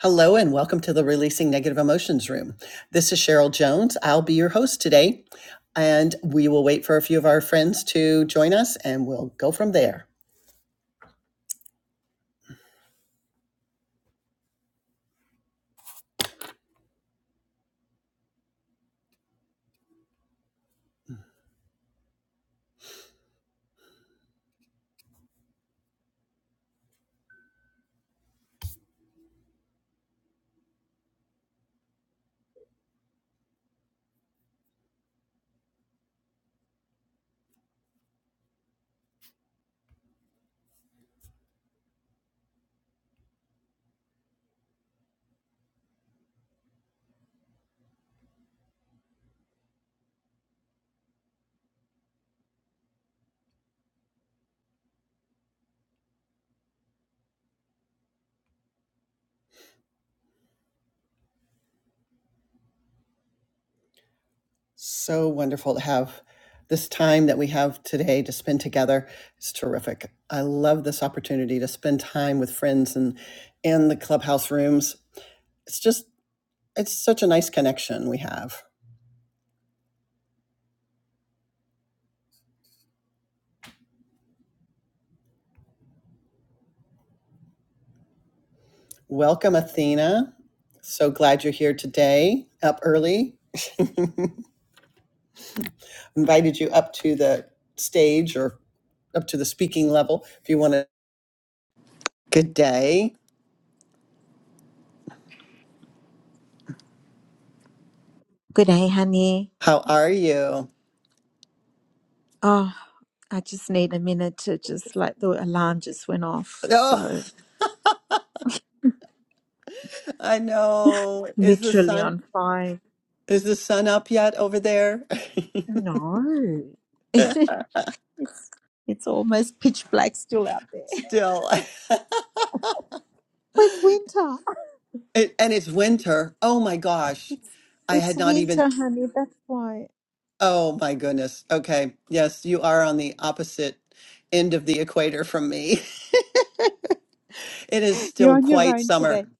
Hello, and welcome to the Releasing Negative Emotions Room. This is Cheryl Jones. I'll be your host today, and we will wait for a few of our friends to join us and we'll go from there. So wonderful to have this time that we have today to spend together. It's terrific. I love this opportunity to spend time with friends and in the clubhouse rooms. It's just, it's such a nice connection we have. Welcome, Athena. So glad you're here today, up early invited you up to the stage or up to the speaking level if you want to. Good day. Good day, honey. How are you? Oh, I just need a minute to just like the alarm just went off. Oh, So I know. Is the literally sun on five. is the sun up yet over there? No. it's, it's almost pitch black still out there. Still. It's winter. It, and it's winter. Oh my gosh. I It's had not even winter, honey. That's why Oh my goodness. Okay. Yes, you are on the opposite end of the equator from me. It is you're still on your quite own today. summer.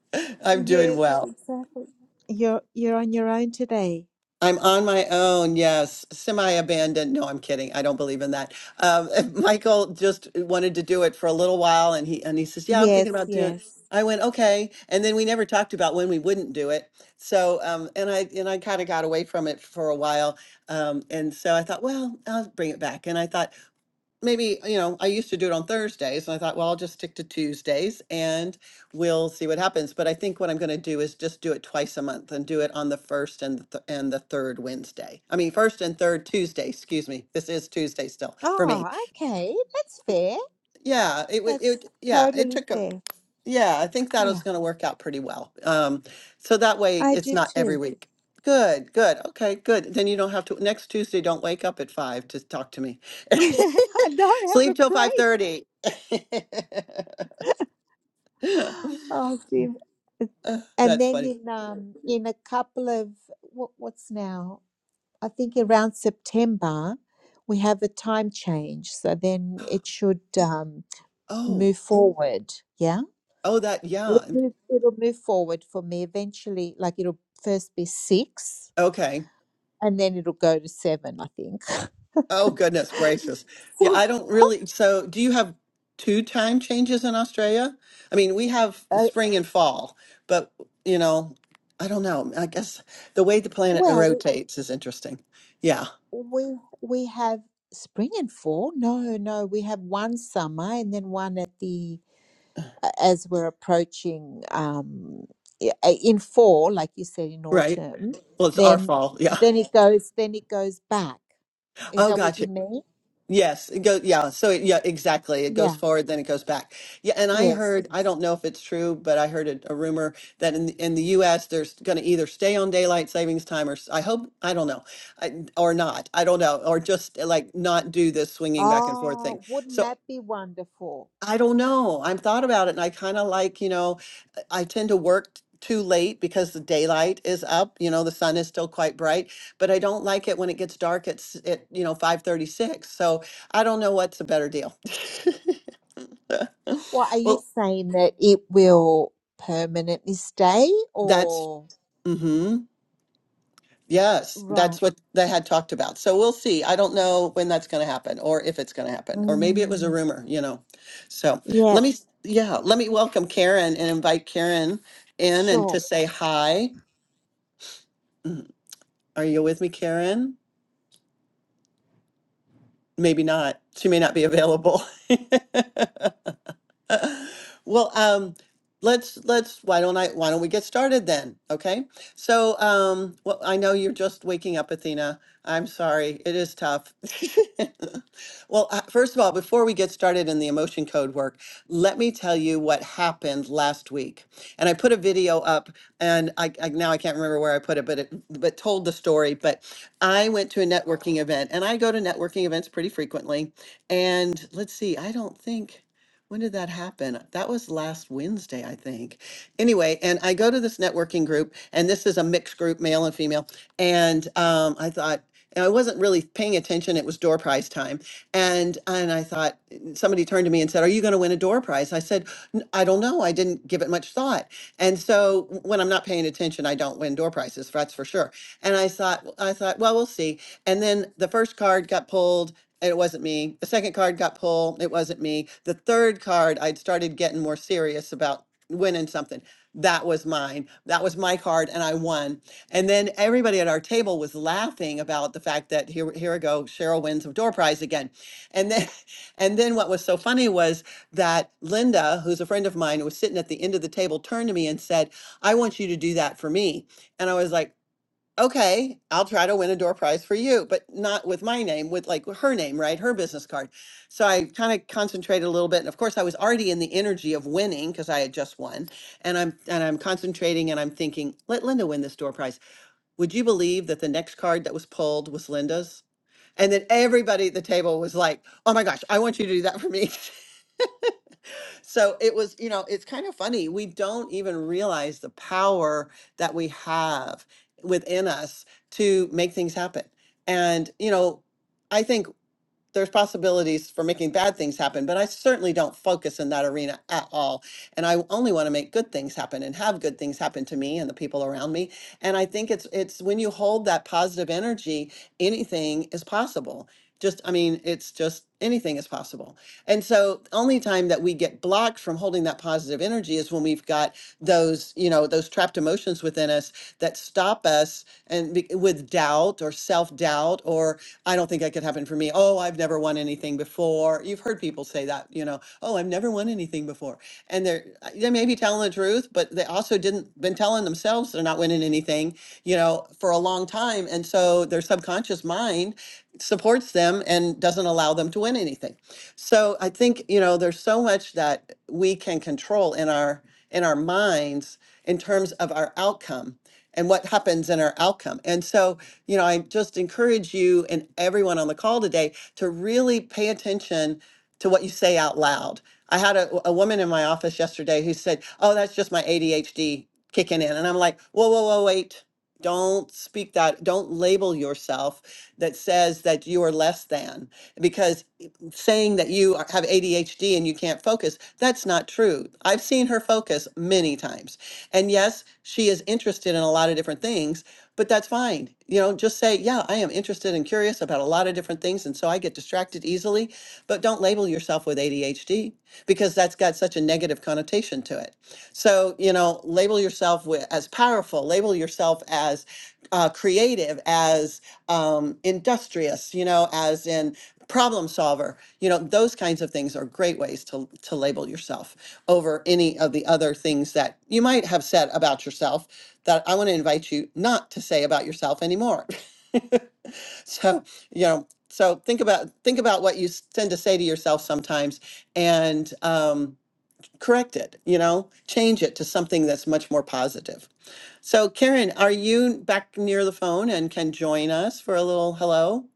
I'm doing Yes, well. exactly. You're you're on your own today. I'm on my own, yes. Semi-abandoned. No, I'm kidding. I don't believe in that. Um, Michael just wanted to do it for a little while, and he and he says, "Yeah, I'm Yes, thinking about doing." yes. it." I went, "Okay," and then we never talked about when we wouldn't do it. So, um, and I and I kind of got away from it for a while, um, and so I thought, well, I'll bring it back. And I thought, maybe, you know, I used to do it on Thursdays and I thought, well, I'll just stick to Tuesdays and we'll see what happens. But I think what I'm going to do is just do it twice a month and do it on the first and the th- and the third Wednesday. I mean, first and third Tuesday, excuse me. This is Tuesday still for me. Oh, okay. That's fair. Yeah, it would, it, That's yeah, it totally took a, fair. yeah, I think that is Yeah, gonna work out pretty well. Um, so that way I it's do not too. every week. Good, good, okay, good. Then you don't have to, next Tuesday, don't wake up at five to talk to me. I don't have Sleep a till five break. thirty. Oh, dear. And That's then funny. in um in a couple of what what's now? I think around September we have a time change, so then it should um Oh, move forward. Yeah, oh, that, it'll yeah, move, it'll move forward for me eventually. Like it'll first be six, okay. and then it'll go to seven. I think. Oh, goodness gracious. Yeah, I don't really. So, do you have two time changes in Australia? I mean, we have Uh, spring and fall, but, you know, I don't know. I guess the way the planet well, we rotates is interesting. Yeah, We we have spring and fall. No, no, we have one summer and then one at the as we're approaching um i- in fall, like you said in right. autumn, Well, it's our then fall. Yeah. then it goes then it goes back. Is Oh, that what gotcha. you mean? Yes, it goes, yeah, so it, yeah, exactly. It goes Yeah. forward, then it goes back. Yeah, and I Yes. heard, I don't know if it's true, but I heard a, a rumor that in the, in the US there's going to either stay on daylight savings time or s- I hope, I don't know, I, or not. I don't know, or just like not do this swinging back and forth thing. Oh, wouldn't So that be wonderful? I don't know. I've thought about it and I kind of like, you know, I I tend to work t- too late because the daylight is up, you know, the sun is still quite bright, but I don't like it when it gets dark at, s- at you know, 536. So I don't know what's a better deal. Well, are you Well, saying that it will permanently stay that's, or mhm. Yes, right? that's what they had talked about. So we'll see. I don't know when that's going to happen or if it's going to happen, or maybe it was a Mm, rumor, you know. So let yep. me, yeah, let me welcome Karen and invite Karen in and Sure. to say hi. Mm, Are you with me, Karen? Maybe not. She may not be available. Well, um, let's let's why don't I why don't we get started then? Okay. So, um, well, I know you're just waking up, Athena. I'm sorry. It is tough. Well, uh, first of all, before we get started in the emotion code work, let me tell you what happened last week. And I put a video up, and I, I now I can't remember where I put it, but it but told the story. But I went to a networking event, and I go to networking events pretty frequently. And let's see, I don't think. When did that happen? That was last Wednesday, I think. Anyway, and I go to this networking group, and this is a mixed group, male and female. And um, I thought, and I wasn't really paying attention. It was door prize time, and and I thought somebody turned to me and said, "Are you going to win a door prize?" I said, "N- "I don't know. I didn't give it much thought." And so w- when I'm not paying attention, I don't win door prizes. That's for sure. And I thought, I thought, well, we'll see. And then the first card got pulled. and It wasn't me. The second card got pulled. It wasn't me. The third card, I'd started getting more serious about winning something. That was mine. That was my card, and I won. And then everybody at our table was laughing about the fact that here, here we go, Cheryl wins a door prize again. And then, and then what was so funny was that Linda, who's a friend of mine, who was sitting at the end of the table, turned to me and said, I want you to do that for me. And I was like, okay, I'll try to win a door prize for you, but not with my name, with like her name, right? Her business card. So I kind of concentrated a little bit. And of course I was already in the energy of winning because I had just won. And I'm and I'm concentrating and I'm thinking, let Linda win this door prize. Would you believe that the next card that was pulled was Linda's? And then everybody at the table was like, oh my gosh, I want you to do that for me. so it was, you know, it's kind of funny. We don't even realize the power that we have within us to make things happen. And, you know, I think there's possibilities for making bad things happen, but I certainly don't focus in that arena at all. And I only want to make good things happen and have good things happen to me and the people around me. And I think it's it's when you hold that positive energy, anything is possible. Just I mean, it's just anything is possible. And so the only time that we get blocked from holding that positive energy is when we've got those, you know, those trapped emotions within us that stop us and be- with doubt or self-doubt or I don't think that could happen for me. Oh, I've never won anything before. You've heard people say that, you know, oh, I've never won anything before. And they're uh, they may be telling the truth, but they also didn't been telling themselves they're not winning anything, you know, for a long time. And so their subconscious mind supports them and doesn't allow them to win anything. So I think, you know, there's so much that we can control in our in our minds in terms of our outcome and what happens in our outcome. And so you know, I just encourage you and everyone on the call today to really pay attention to what you say out loud. I had a, a woman in my office yesterday who said, Oh, that's just my ADHD kicking in. And I'm like, Whoa, whoa, whoa, wait. Don't speak that. Don't label yourself that says that you are less than because saying that you are- have ADHD and you can't focus, that's not true. I've seen her focus many times. And yes, she is interested in a lot of different things but that's fine. You know, just say, yeah, I am interested and curious about a lot of different things. And so I get distracted easily, but don't label yourself with ADHD because that's got such a negative connotation to it. So, you know, label yourself with, as powerful, label yourself as uh, creative, as um, industrious, you know, as in problem solver. You know, those kinds of things are great ways to, to label yourself over any of the other things that you might have said about yourself that I want to invite you not to say about yourself anymore. So, you know, so think about think about what you s- tend to say to yourself sometimes and um, correct it, you know, change it to something that's much more positive. So, Karen, are you back near the phone and can join us for a little hello?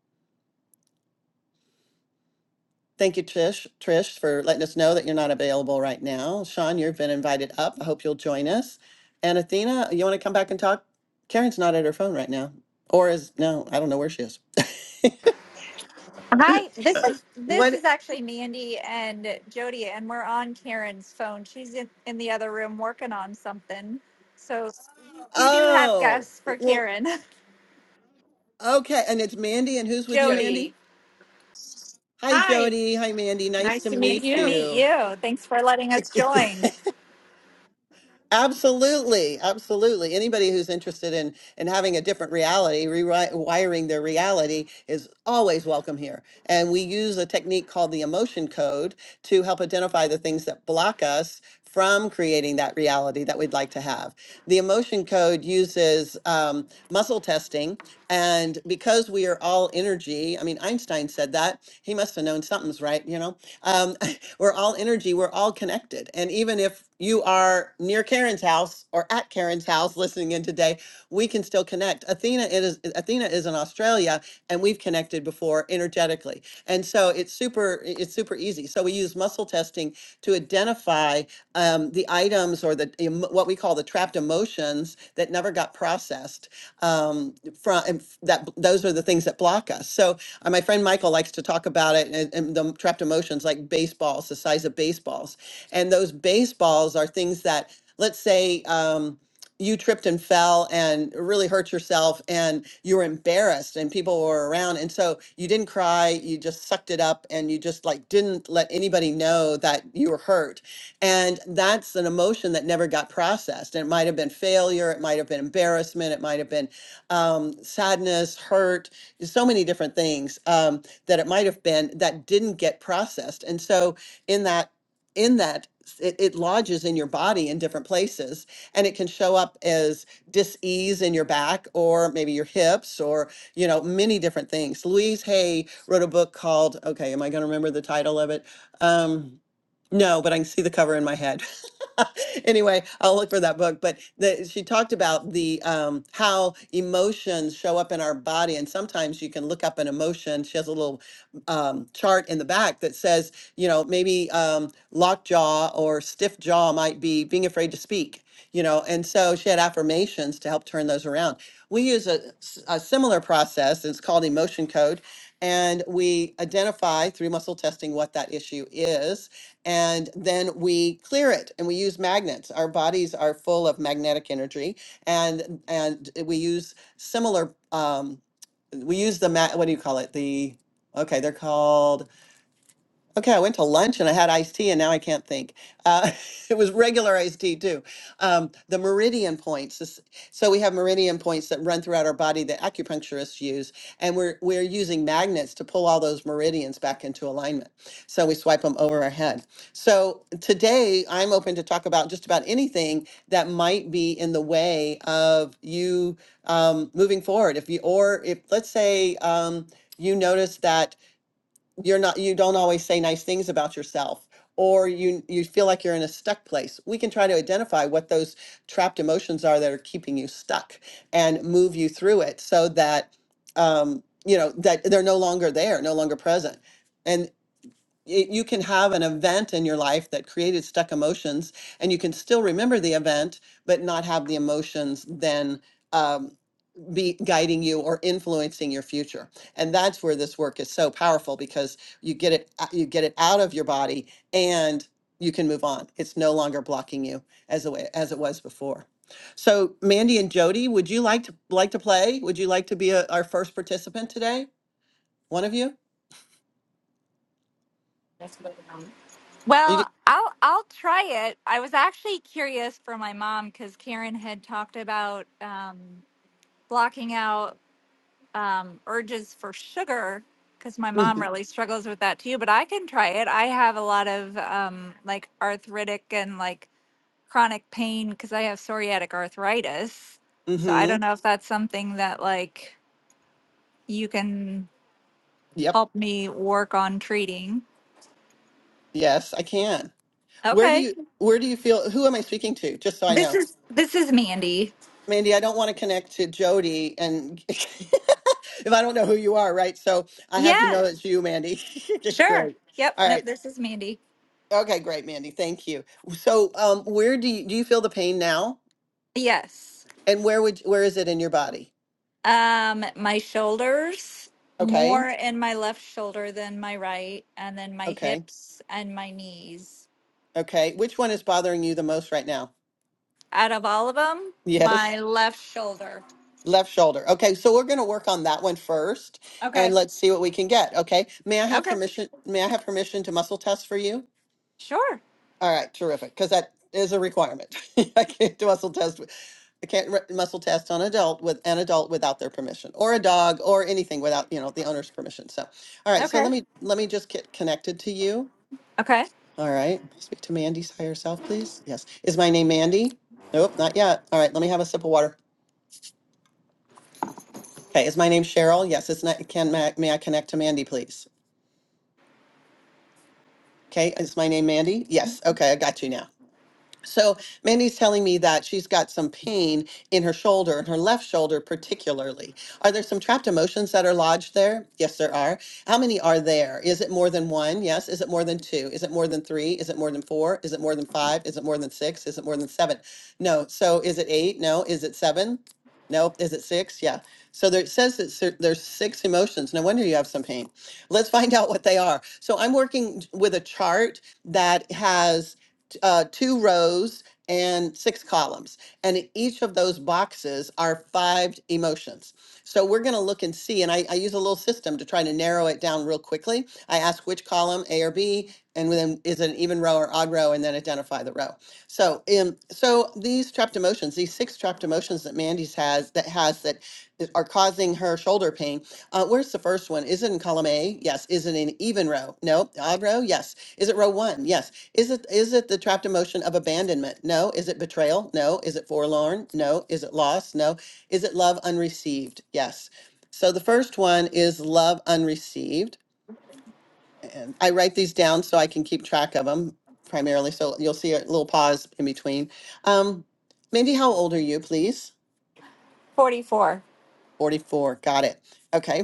Thank you, Trish, Trish, for letting us know that you're not available right now. Sean, you've been invited up. I hope you'll join us. And Athena, you want to come back and talk? Karen's not at her phone right now. Or is no, I don't know where she is. Hi, this is this What? is actually Mandy and Jody, and we're on Karen's phone. She's in, in the other room working on something. So you do have Oh, guests for well, Karen. okay. And it's Mandy. And who's Jody. with you, Jody, Mandy? Hi, Hi, Jody. Hi, Mandy. Nice nice to to meet nice to meet you. meet you. you. Thanks for letting us join. Absolutely, absolutely. Anybody who's interested in in having a different reality, rewiring their reality is always welcome here. And we use a technique called the emotion code to help identify the things that block us from creating that reality that we'd like to have. The emotion code uses um, muscle testing, and because we are all energy, I mean Einstein said that he must have known something's right, you know. Um, we're all energy, we're all connected. And even if you are near Karen's house or at Karen's house listening in today, we can still connect. Athena is Athena is in Australia and we've connected before energetically. And so it's super it's super easy. So we use muscle testing to identify um, the items or the em- what we call the trapped emotions that never got processed um, from and f- that b- those are the things that block us. So uh, my friend Michael likes to talk about it and, and the trapped emotions like baseballs, the size of baseballs. And those baseballs are things that, let's say, um, you tripped and fell and really hurt yourself and you were embarrassed and people were around and so you didn't cry you just sucked it up and you just like didn't let anybody know that you were hurt and that's an emotion that never got processed and it might have been failure it might have been embarrassment it might have been um, sadness hurt there's so many different things um, that it might have been that didn't get processed. And so in that in that it, it lodges in your body in different places and it can show up as dis-ease in your back or maybe your hips or you know many different things louise hay wrote a book called okay am i going to remember the title of it um no but i can see the cover in my head anyway, I'll look for that book. But the, she talked about the um, how emotions show up in our body, and sometimes you can look up an emotion. She has a little um, chart in the back that says, you know, maybe um, locked jaw or stiff jaw might be being afraid to speak. You know, and so she had affirmations to help turn those around. We use a, s- a similar process. It's called emotion code, and we identify through muscle testing what that issue is and then we clear it and we use magnets our bodies are full of magnetic energy and and we use similar um we use the ma- what do you call it the okay they're called Okay, I went to lunch and I had iced tea, and now I can't think. Uh, it was regular iced tea too. Um, the meridian points. is- So we have meridian points that run throughout our body that acupuncturists use, and we're we're using magnets to pull all those meridians back into alignment. So we swipe them over our head. So today I'm open to talk about just about anything that might be in the way of you um, moving forward. If you or if let's say um, you notice that you're not you don't always say nice things about yourself or you you feel like you're in a stuck place we can try to identify what those trapped emotions are that are keeping you stuck and move you through it so that um you know that they're no longer there no longer present and y- you can have an event in your life that created stuck emotions and you can still remember the event but not have the emotions then um, be guiding you or influencing your future and that's where this work is so powerful because you get it uh, you get it out of your body and you can move on it's no longer blocking you as a way as it was before so mandy and jody would you like to like to play would you like to be a, our first participant today one of you That's what Are you Well, I'll I'll try it. I was actually curious for my mom because Karen had talked about um, blocking out. um, urges for sugar because my mom mm-hmm. really struggles with that too. But I can try it. I have a lot of um, like arthritic and like chronic pain because I have psoriatic arthritis. So I Mm-hmm. don't know if that's something that like you can yep help me work on treating. yes i can where do Okay. you where do you feel who am i speaking to just so i know This is this is Mandy. Mandy, I don't want to connect to Jody and if I don't know who you are, right? So I have to Yeah, know it's you, Mandy. sure. great. Yep. All Nope. right. This is Mandy. Okay, great, Mandy. Thank you. So, um, where do you, do you feel the pain now? Yes. And where would where is it in your body? Um, my shoulders, Okay. more in my left shoulder than my right, and then my Okay. hips and my knees. Okay. Which one is bothering you the most right now? Out of all of them, Yes. my left shoulder. Left shoulder. Okay, so we're going to work on that one first and Okay. let's see what we can get, okay? May I have Okay. permission may I have permission to muscle test for you? Sure. All right, terrific, because that is a requirement. I can't do muscle test. with- I can't re- muscle test on adult with an adult without their permission, or a dog, or anything without you know the owner's permission. So, all right. So Okay. let me let me just get connected to you. Okay. All right. Speak to Mandy's higher self, please. Yes. Is my name Mandy? Nope, not yet. All right. Let me have a sip of water. Okay. Is my name Cheryl? Yes. It's not. Can may I may I connect to Mandy, please? Okay. Is my name Mandy? Yes. Okay. I got you now. So Mandy's telling me that she's got some pain in her shoulder, in her left shoulder particularly. Are there some trapped emotions that are lodged there? Yes, there are. How many are there? Is it more than one? Yes. Is it more than two? Is it more than three? Is it more than four? Is it more than five? Is it more than six? Is it more than seven? No. So is it eight? No. Is it seven? Nope. Is it six? Yeah. So there, it says that ser- there's six emotions. No wonder you have some pain. Let's find out what they are. So I'm working with a chart that has uh, two rows and six columns. And in each of those boxes are five emotions. So we're going to look and see. And I, I use a little system to try to narrow it down real quickly. I ask which column, A or B, and then is it an even row or odd row, and then identify the row. So, um, so these trapped emotions, these six trapped emotions that Mandy's has that has that is- are causing her shoulder pain. Uh, where's the first one? Is it in column A? Yes. Is it in even row? No. Odd row? Yes. Is it row one? Yes. Is it is it the trapped emotion of abandonment? No. Is it betrayal? No. Is it forlorn? No. Is it loss? No. Is it love unreceived? Yes. So the first one is love unreceived. And I write these down so I can keep track of them primarily. So you'll see a little pause in between. Um, Mindy, how old are you, please? 44. 44. Got it. Okay.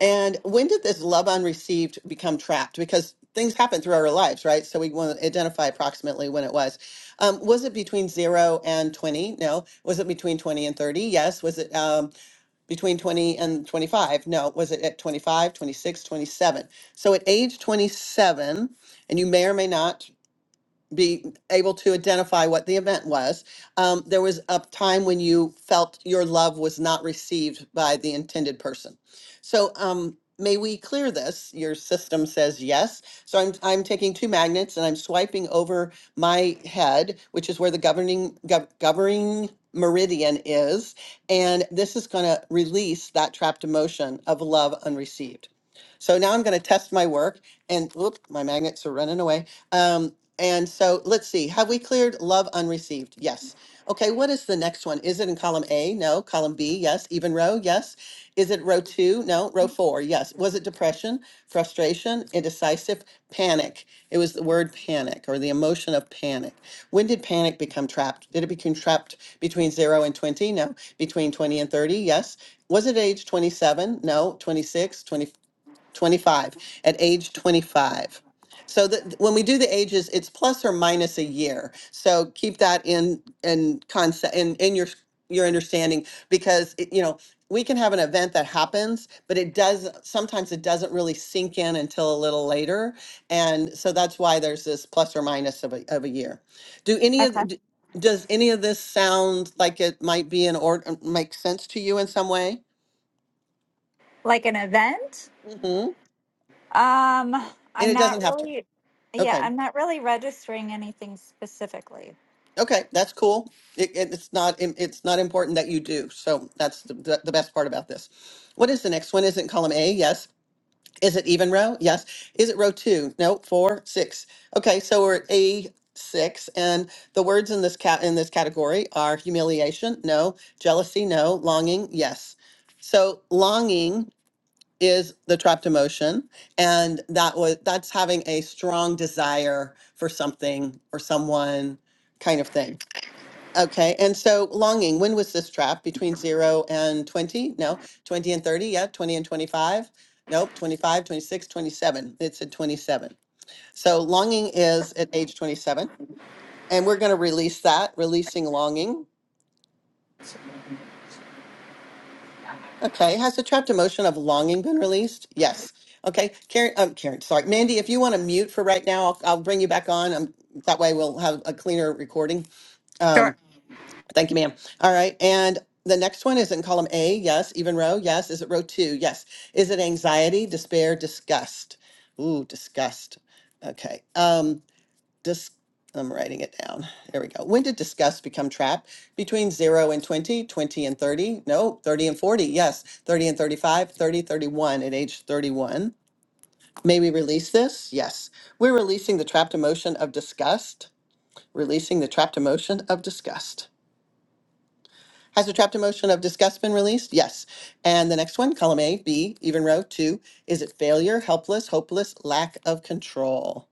And when did this love unreceived become trapped? Because things happen through our lives, right? So we want to identify approximately when it was. Um, was it between zero and 20? No. Was it between 20 and 30? Yes. Was it um, between 20 and 25? No. Was it at 25, 26, 27? So at age 27, and you may or may not be able to identify what the event was. Um, there was a time when you felt your love was not received by the intended person. So um, may we clear this? Your system says yes. So I'm I'm taking two magnets and I'm swiping over my head, which is where the governing gov- governing meridian is, and this is going to release that trapped emotion of love unreceived. So now I'm going to test my work, and whoop, my magnets are running away. Um, and so let's see, have we cleared love unreceived? Yes. Okay, what is the next one? Is it in column A? No. Column B? Yes. Even row? Yes. Is it row two? No. Row four? Yes. Was it depression, frustration, indecisive, panic? It was the word panic or the emotion of panic. When did panic become trapped? Did it become trapped between zero and 20? No. Between 20 and 30? Yes. Was it age 27? No. 26, 25? 25 at age 25 so that when we do the ages it's plus or minus a year so keep that in in concept in in your your understanding because it, you know we can have an event that happens but it does sometimes it doesn't really sink in until a little later and so that's why there's this plus or minus of a, of a year do any Okay. of d- does any of this sound like it might be in order make sense to you in some way Like an event? hmm Um, and I'm it doesn't not have to really yeah, okay I'm not really registering anything specifically. Okay, that's cool. It, it, it's not im- it's not important that you do. So that's the, the, the best part about this. What is the next one? Is it column A? Yes. Is it even row? Yes. Is it row two? No. Four, six. Okay, so we're at A six, and the words in this cat in this category are humiliation. No. Jealousy. No. Longing. Yes. So longing is the trapped emotion, and that was that's having a strong desire for something or someone kind of thing Okay, and so longing, when was this trap Between zero and 20? No, 20 and 30, yeah, 20 and 25? Nope, 25, 26, 27. It's at 27. So longing is at age 27, and we're going to release that, releasing longing. Okay, has the trapped emotion of longing been released? Yes. Okay, Karen, um, Karen, sorry, Mandy, if you want to mute for right now, I'll, I'll bring you back on. Um, that way we'll have a cleaner recording. Um, Sure. Thank you, ma'am. All right, and the next one is in column A, yes, even row, yes. Is it row two? Yes. Is it anxiety, despair, disgust? Ooh, disgust. Okay. Um, dis- I'm writing it down. There we go. When did disgust become trapped? Between 0 and 20, 20 and 30? No, 30 and 40. Yes. 30 and 35, 30, thirty-one at age 31. May we release this? Yes. We're releasing the trapped emotion of disgust. Releasing the trapped emotion of disgust. Has the trapped emotion of disgust been released? Yes. And the next one, column A, B, even row two, is it failure, helpless, hopeless, lack of control?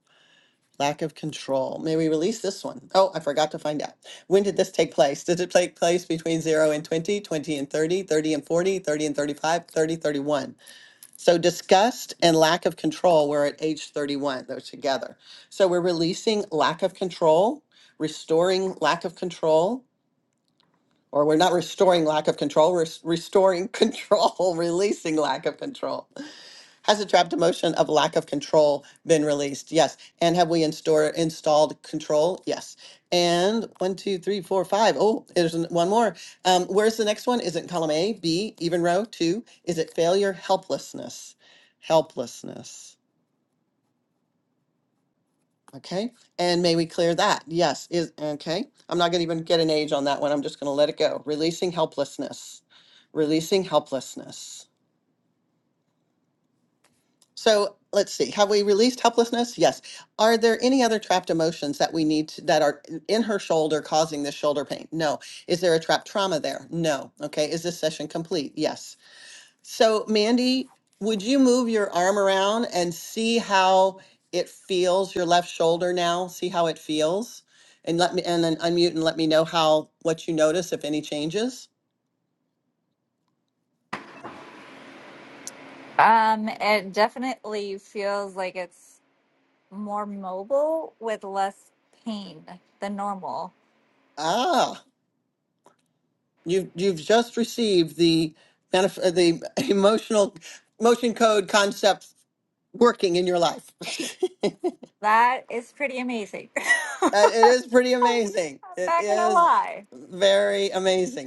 Lack of control. May we release this one? Oh, I forgot to find out. When did this take place? Did it take place between 0 and 20, 20 and 30, 30 and 40, 30 and 35, 30, 31? So disgust and lack of control were at age 31. Those together. So we're releasing lack of control, restoring lack of control, or we're not restoring lack of control, we're s- restoring control, releasing lack of control. Has the trapped emotion of lack of control been released? Yes. And have we install, installed control? Yes. And one, two, three, four, five. Oh, there's an- one more. Um, where's the next one? Is it column A, B, even row? Two. Is it failure, helplessness? Helplessness. Okay, and may we clear that? Yes, is, okay, I'm not gonna even get an age on that one, I'm just gonna let it go. Releasing helplessness, releasing helplessness. So, let's see, have we released helplessness? Yes. Are there any other trapped emotions that we need, to- that are in in her shoulder causing this shoulder pain? No. Is there a trapped trauma there? No. Okay, is this session complete? Yes. So, Mandy, would you move your arm around and see how it feels, your left shoulder now? See how it feels? And let me and then unmute and let me know how what you notice if any changes. Um, it definitely feels like it's more mobile with less pain than normal. Ah, you've you've just received the manif- uh, the emotional motion code concept working in your life. That is pretty amazing. I'm And it is pretty amazing. It not gonna is lie. very amazing.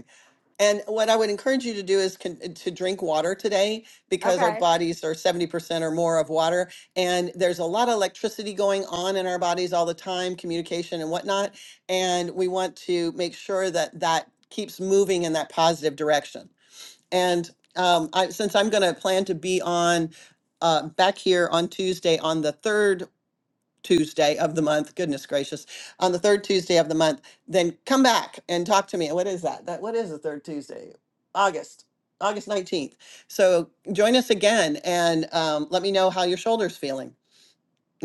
And what I would encourage you to do is con- uh, to drink water today because our Okay. bodies are 70% or more of water. And there's a lot of electricity going on in our bodies all the time, communication and whatnot. And we want to make sure that that keeps moving in that positive direction. And um, I, since I'm going to plan to be on uh, back here on Tuesday on the third Tuesday of the month, goodness gracious, on the third Tuesday of the month, then come back and talk to me. What is that? That what is the third Tuesday? August. August 19th. So join us again and um, let me know how your shoulder's feeling.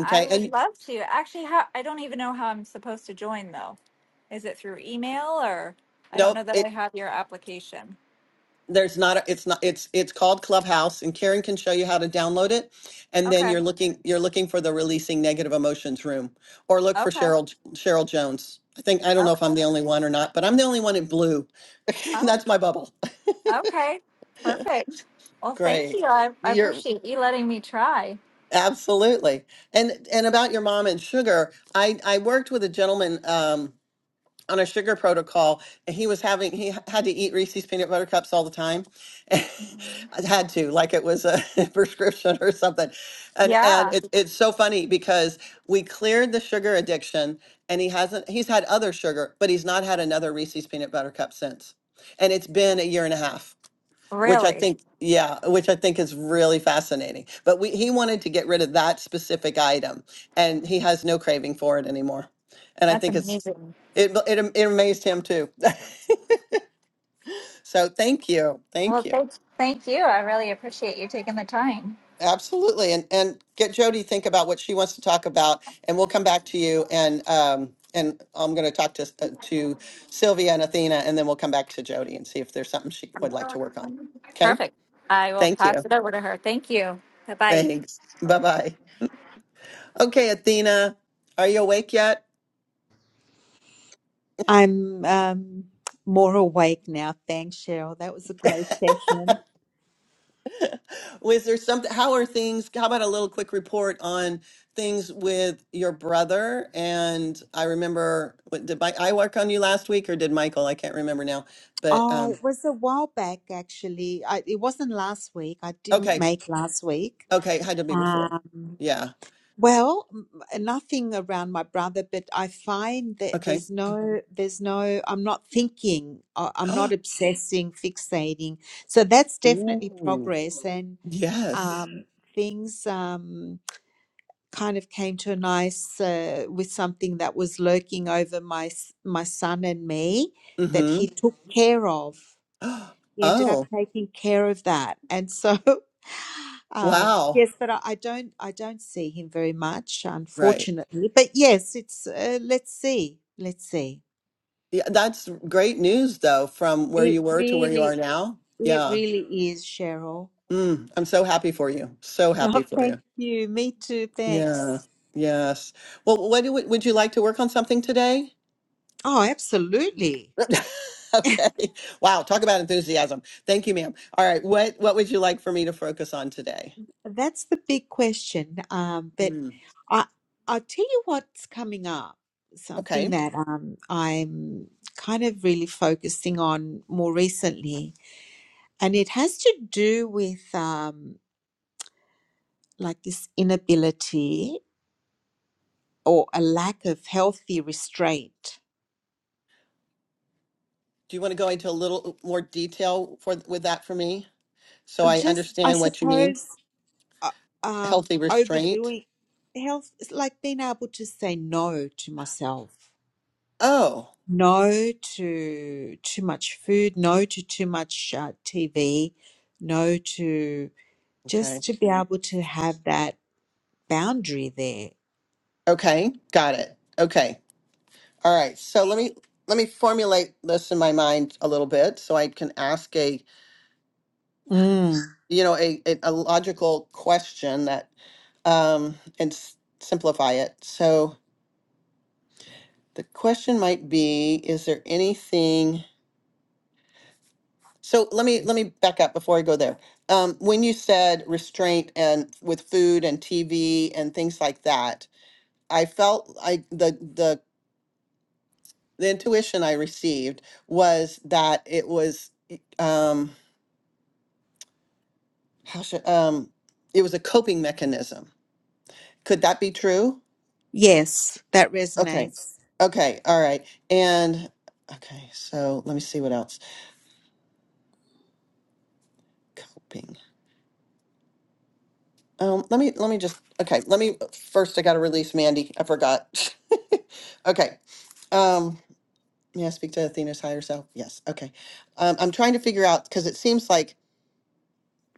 I would And love to. Actually, how I don't even know how I'm supposed to join though. Is it through email or I don't nope, know that I it have your application. there's not a, it's not it's it's called Clubhouse and Karen can show you how to download it. And then Okay. you're looking you're looking for the releasing negative emotions room or look for Okay. Cheryl Cheryl Jones. I think I don't know if Okay. I'm the only one or not, but I'm the only one in blue. Oh, That's my bubble. okay. Perfect. Well, thank Great. you. I, I You're appreciate you letting me try. absolutely. And and about your mom and sugar, I I worked with a gentleman um on a sugar protocol and he was having he h- had to eat Reese's peanut butter cups all the time. I Mhm. had to like it was a prescription or something. And and Yeah, it, it's so funny because we cleared the sugar addiction and he hasn't he's had other sugar, but he's not had another Reese's peanut butter cup since. And it's been a year and a half which I really. think, yeah, which I think is really fascinating. But we, he wanted to get rid of that specific item, and he has no craving for it anymore. And I That's think it's amazing. it it, am- it amazed him too. so thank you, Well, thank you, thanks. Thank you. I really appreciate you taking the time. absolutely. And and get Jody to think about what she wants to talk about, and we'll come back to you. And um and I'm going to talk to uh, to Sylvia and Athena, and then we'll come back to Jody and see if there's something she would like to work on. Okay, Perfect. I will thank pass you, it over to her. Thank you. Bye bye. thanks, bye bye. Okay, Athena, are you awake yet? I'm um, more awake now. Thanks, Cheryl. That was a great session. Was there something? How are things? How about a little quick report on things with your brother? And I remember, what, did my, I work on you last week or did Michael? I can't remember now. But Oh, um, it was a while back, actually. I, it wasn't last week. I didn't okay, make last week. okay, had to be before. Um, Yeah. well, m- nothing around my brother, but I find that Okay. there's no, there's no, I'm not thinking, I- I'm not obsessing, fixating. So that's definitely Ooh. progress. And Yes. um, things. Um, kind of came to a nice uh, with something that was lurking over my s- my son and me that Mm-hmm. he took Mhm. care of. He ended up Oh, taking care of that, and so um, wow. yes, but I, I don't I don't see him very much, Right. unfortunately. But yes, it's uh, let's see, let's see. Yeah, that's great news though, from where you It were to where you are really now. it Yeah. really is Cheryl. Mm, I'm so happy for you. So happy Oh, for thank you. you. Me too. Yeah. Thanks. Yes. Well, what do, would you like to work on something today? Oh, absolutely. Okay. Wow. Talk about enthusiasm. Thank you, ma'am. All right. What What would you like for me to focus on today? That's the big question. Um, but Mm, I, I'll tell you what's coming up, okay. something that um, I'm kind of really focusing on more recently. And it has to do with um, like this inability or a lack of healthy restraint. Do you want to go into a little more detail for with that for me, so I Just, I understand what you mean? suppose, uh, um, Healthy restraint. overdoing health, like being able to say no to myself. Oh. no to too much food, no to too much uh, TV, no to Okay. just to be able to have that boundary there. Okay. Got it. Okay. All right, so let me let me formulate this in my mind a little bit so I can ask a Mm. you know a a, a logical question that um and s- simplify it. So the question might be is there anything so let me let me back up before I go there. Um, when you said restraint and with food and TV and things like that, I felt I the the the intuition I received was that it was um how should um it was a coping mechanism could that be true Yes, that okay resonates. okay all right and okay so let me see what else coping um let me let me just okay let me first i gotta release mandy i forgot okay um may i speak to athena's higher self yes okay um, i'm trying to figure out because it seems like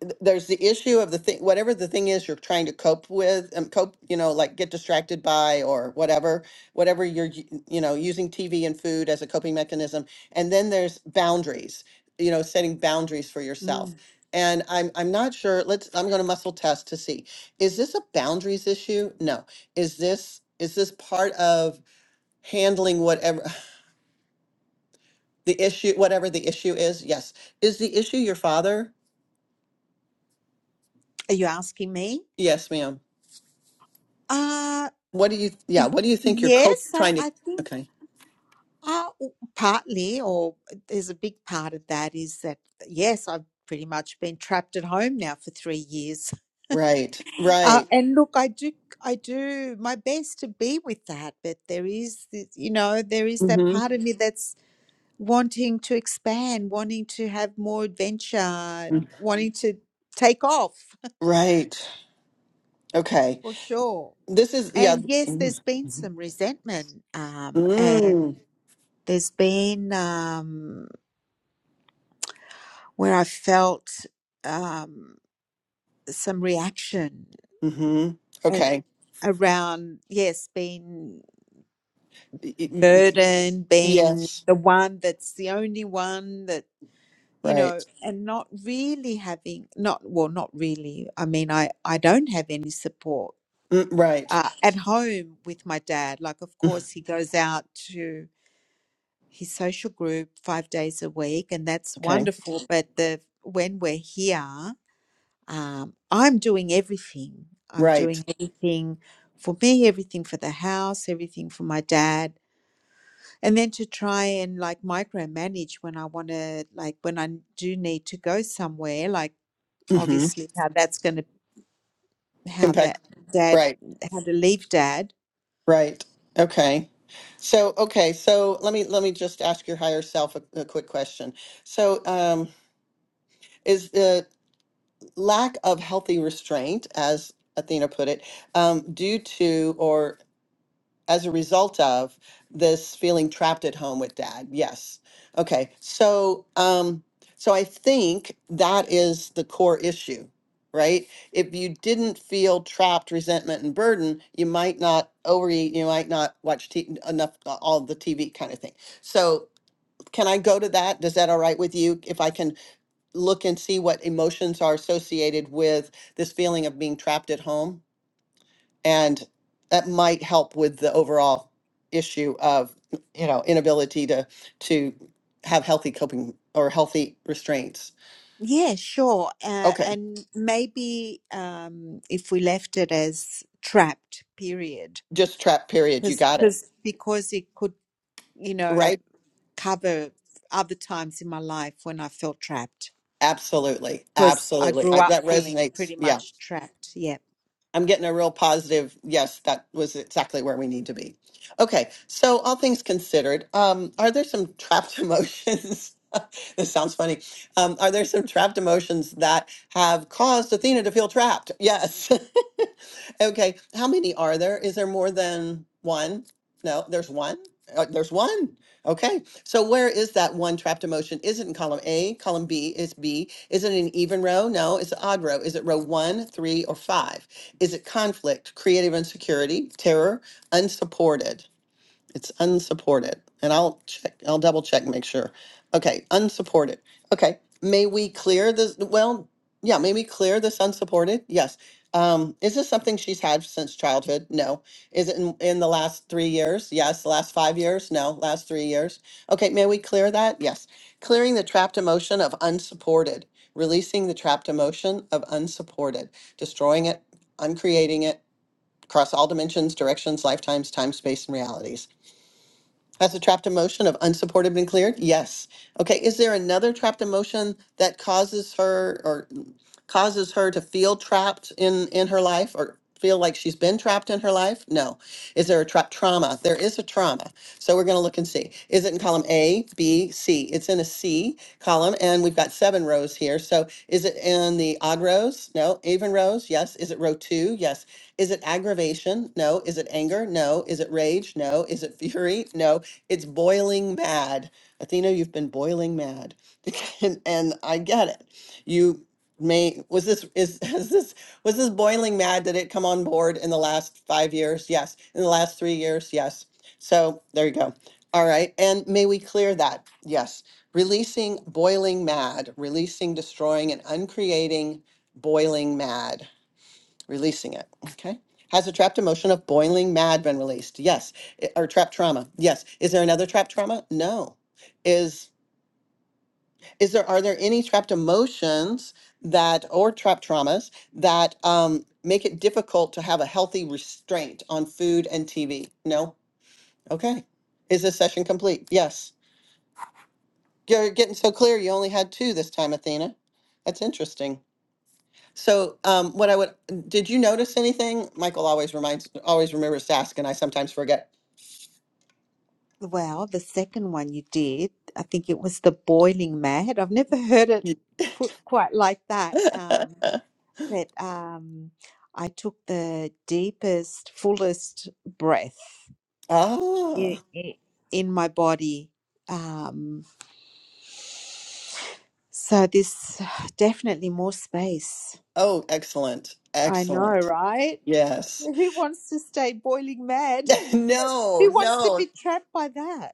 th- there's the issue of the thing whatever the thing is you're trying to cope with um, cope you know like get distracted by or whatever whatever you're y- you know using tv and food as a coping mechanism and then there's boundaries you know setting boundaries for yourself Mm. and i'm i'm not sure let's i'm going to muscle test to see is this a boundaries issue no is this is this part of handling whatever the issue whatever the issue is yes is the issue your father Are you asking me? yes ma'am Uh, What do you, yeah, y- what do you think you're co yes, I, trying to, I think okay. uh, partly, or there's a big part of that is that, yes, I've pretty much been trapped at home now for three years. Right, Uh, right. and look, I do, I do my best to be with that, but there is, this, you know, there is that Mm-hmm. part of me that's wanting to expand, wanting to have more adventure, and wanting to take off Mm-hmm. Right. Okay. for sure. This is, yeah. And yes, Mm. there's been some resentment, um, and Mm-hmm. there's been um, where I felt um, some reaction and Okay. around yes, being Y- y- y- burden being Yes. the one that's the only one that you Right. know and not really having not well not really i mean i i don't have any support Mm, Right. uh, at home with my dad like of Mm, course he goes out to his social group five days a week and that's Okay. wonderful but the when we're here um, i'm doing everything i'm Right. doing everything for me everything for the house everything for my dad and then to try and like micromanage when I want to like when I do need to go somewhere like Mm-hmm. obviously how that's going to how that Impact. dad Right. how to leave dad Right. Okay. So, okay. So let me, let me just ask your higher self a, a quick question. So, um, is lack of healthy restraint, as Athena put it, um, due to or as a result of this feeling trapped at home with dad. Yes. Okay. So, um, so I think that is the core issue, right? If you didn't feel trapped, resentment, and burden, you might not overeat. You might not watch t- enough uh, all the TV kind of thing. So, can I go to that? Does that all right with you? If I can look and see what emotions are associated with this feeling of being trapped at home. And that might help with the overall issue of, you know, inability to to have healthy coping or healthy restraints. yeah sure uh, Okay. and maybe um if we left it as trapped period Just trap period. You because got it. because because it could you know Right? cover other times in my life when I felt trapped Absolutely. because I Absolutely. grew I, up that feeling resonates. pretty Yeah. much trapped yeah I'm getting a real positive. Yes, that was exactly where we need to be. Okay, so all things considered, um, are there some trapped emotions? this sounds funny. Um, are there some trapped emotions that have caused Athena to feel trapped? Yes. Okay, how many are there? Is there more than one? No, there's one. Uh, there's one. Okay, so where is that one trapped emotion? Is it in column A? Column B is B. Is it an even row? No, it's an odd row. Is it row one, three, or five? Is it conflict, creative insecurity, terror, unsupported? It's unsupported. And I'll check, I'll double check and make sure. Okay, unsupported. Okay, may we clear this? Well, yeah, may we clear this unsupported? Yes. Um, is this something she's had since childhood? No. Is it in, in the last three years? Yes. The last five years? No. Last three years. Okay, may we clear that? Yes. Clearing the trapped emotion of unsupported, releasing the trapped emotion of unsupported, destroying it, uncreating it across all dimensions, directions, lifetimes, time, space, and realities as a trapped emotion of unsupported and cleared? Yes. Okay, is there another trapped emotion that causes her or causes her to feel trapped in in her life or feel like she's been trapped in her life? No. Is there a trap trauma? There is a trauma. So we're going to look and see. Is it in column A, B, C? It's in a C column and we've got seven rows here. So is it in the odd rows? No. Even rows? Yes. Is it row 2? Yes. Is it aggravation? No. Is it anger? No. Is it rage? No. Is it fury? No. It's boiling mad. Athena, you've been boiling mad. And, and I get it. You may, was this, is, has this, was this boiling mad? Did it come on board in the last five years? Yes. In the last three years? Yes. So there you go. All right. And may we clear that? Yes. Releasing boiling mad, releasing, destroying, and uncreating boiling mad releasing it. Okay. Has a trapped emotion of boiling mad been released? Yes. I- Or trapped trauma? Yes. Is there another trapped trauma? No. Is is there are there any trapped emotions that or trapped traumas that um, make it difficult to have a healthy restraint on food and TV? No. Okay. Is this session complete? Yes. You're getting so clear. You only had two this time, Athena. That's interesting. So, um, what I would, did you notice anything? Michael always reminds, always remembers to ask, and I sometimes forget. Well, the second one you did, I think it was the boiling mad. I've never heard it put quite like that. Um, but um, I took the deepest, fullest breath Oh, i- i- in my body. Um, so this definitely more space. oh, excellent, I know, excellent. right? Yes. Who wants to stay boiling mad? No, Who wants to no. be trapped by that?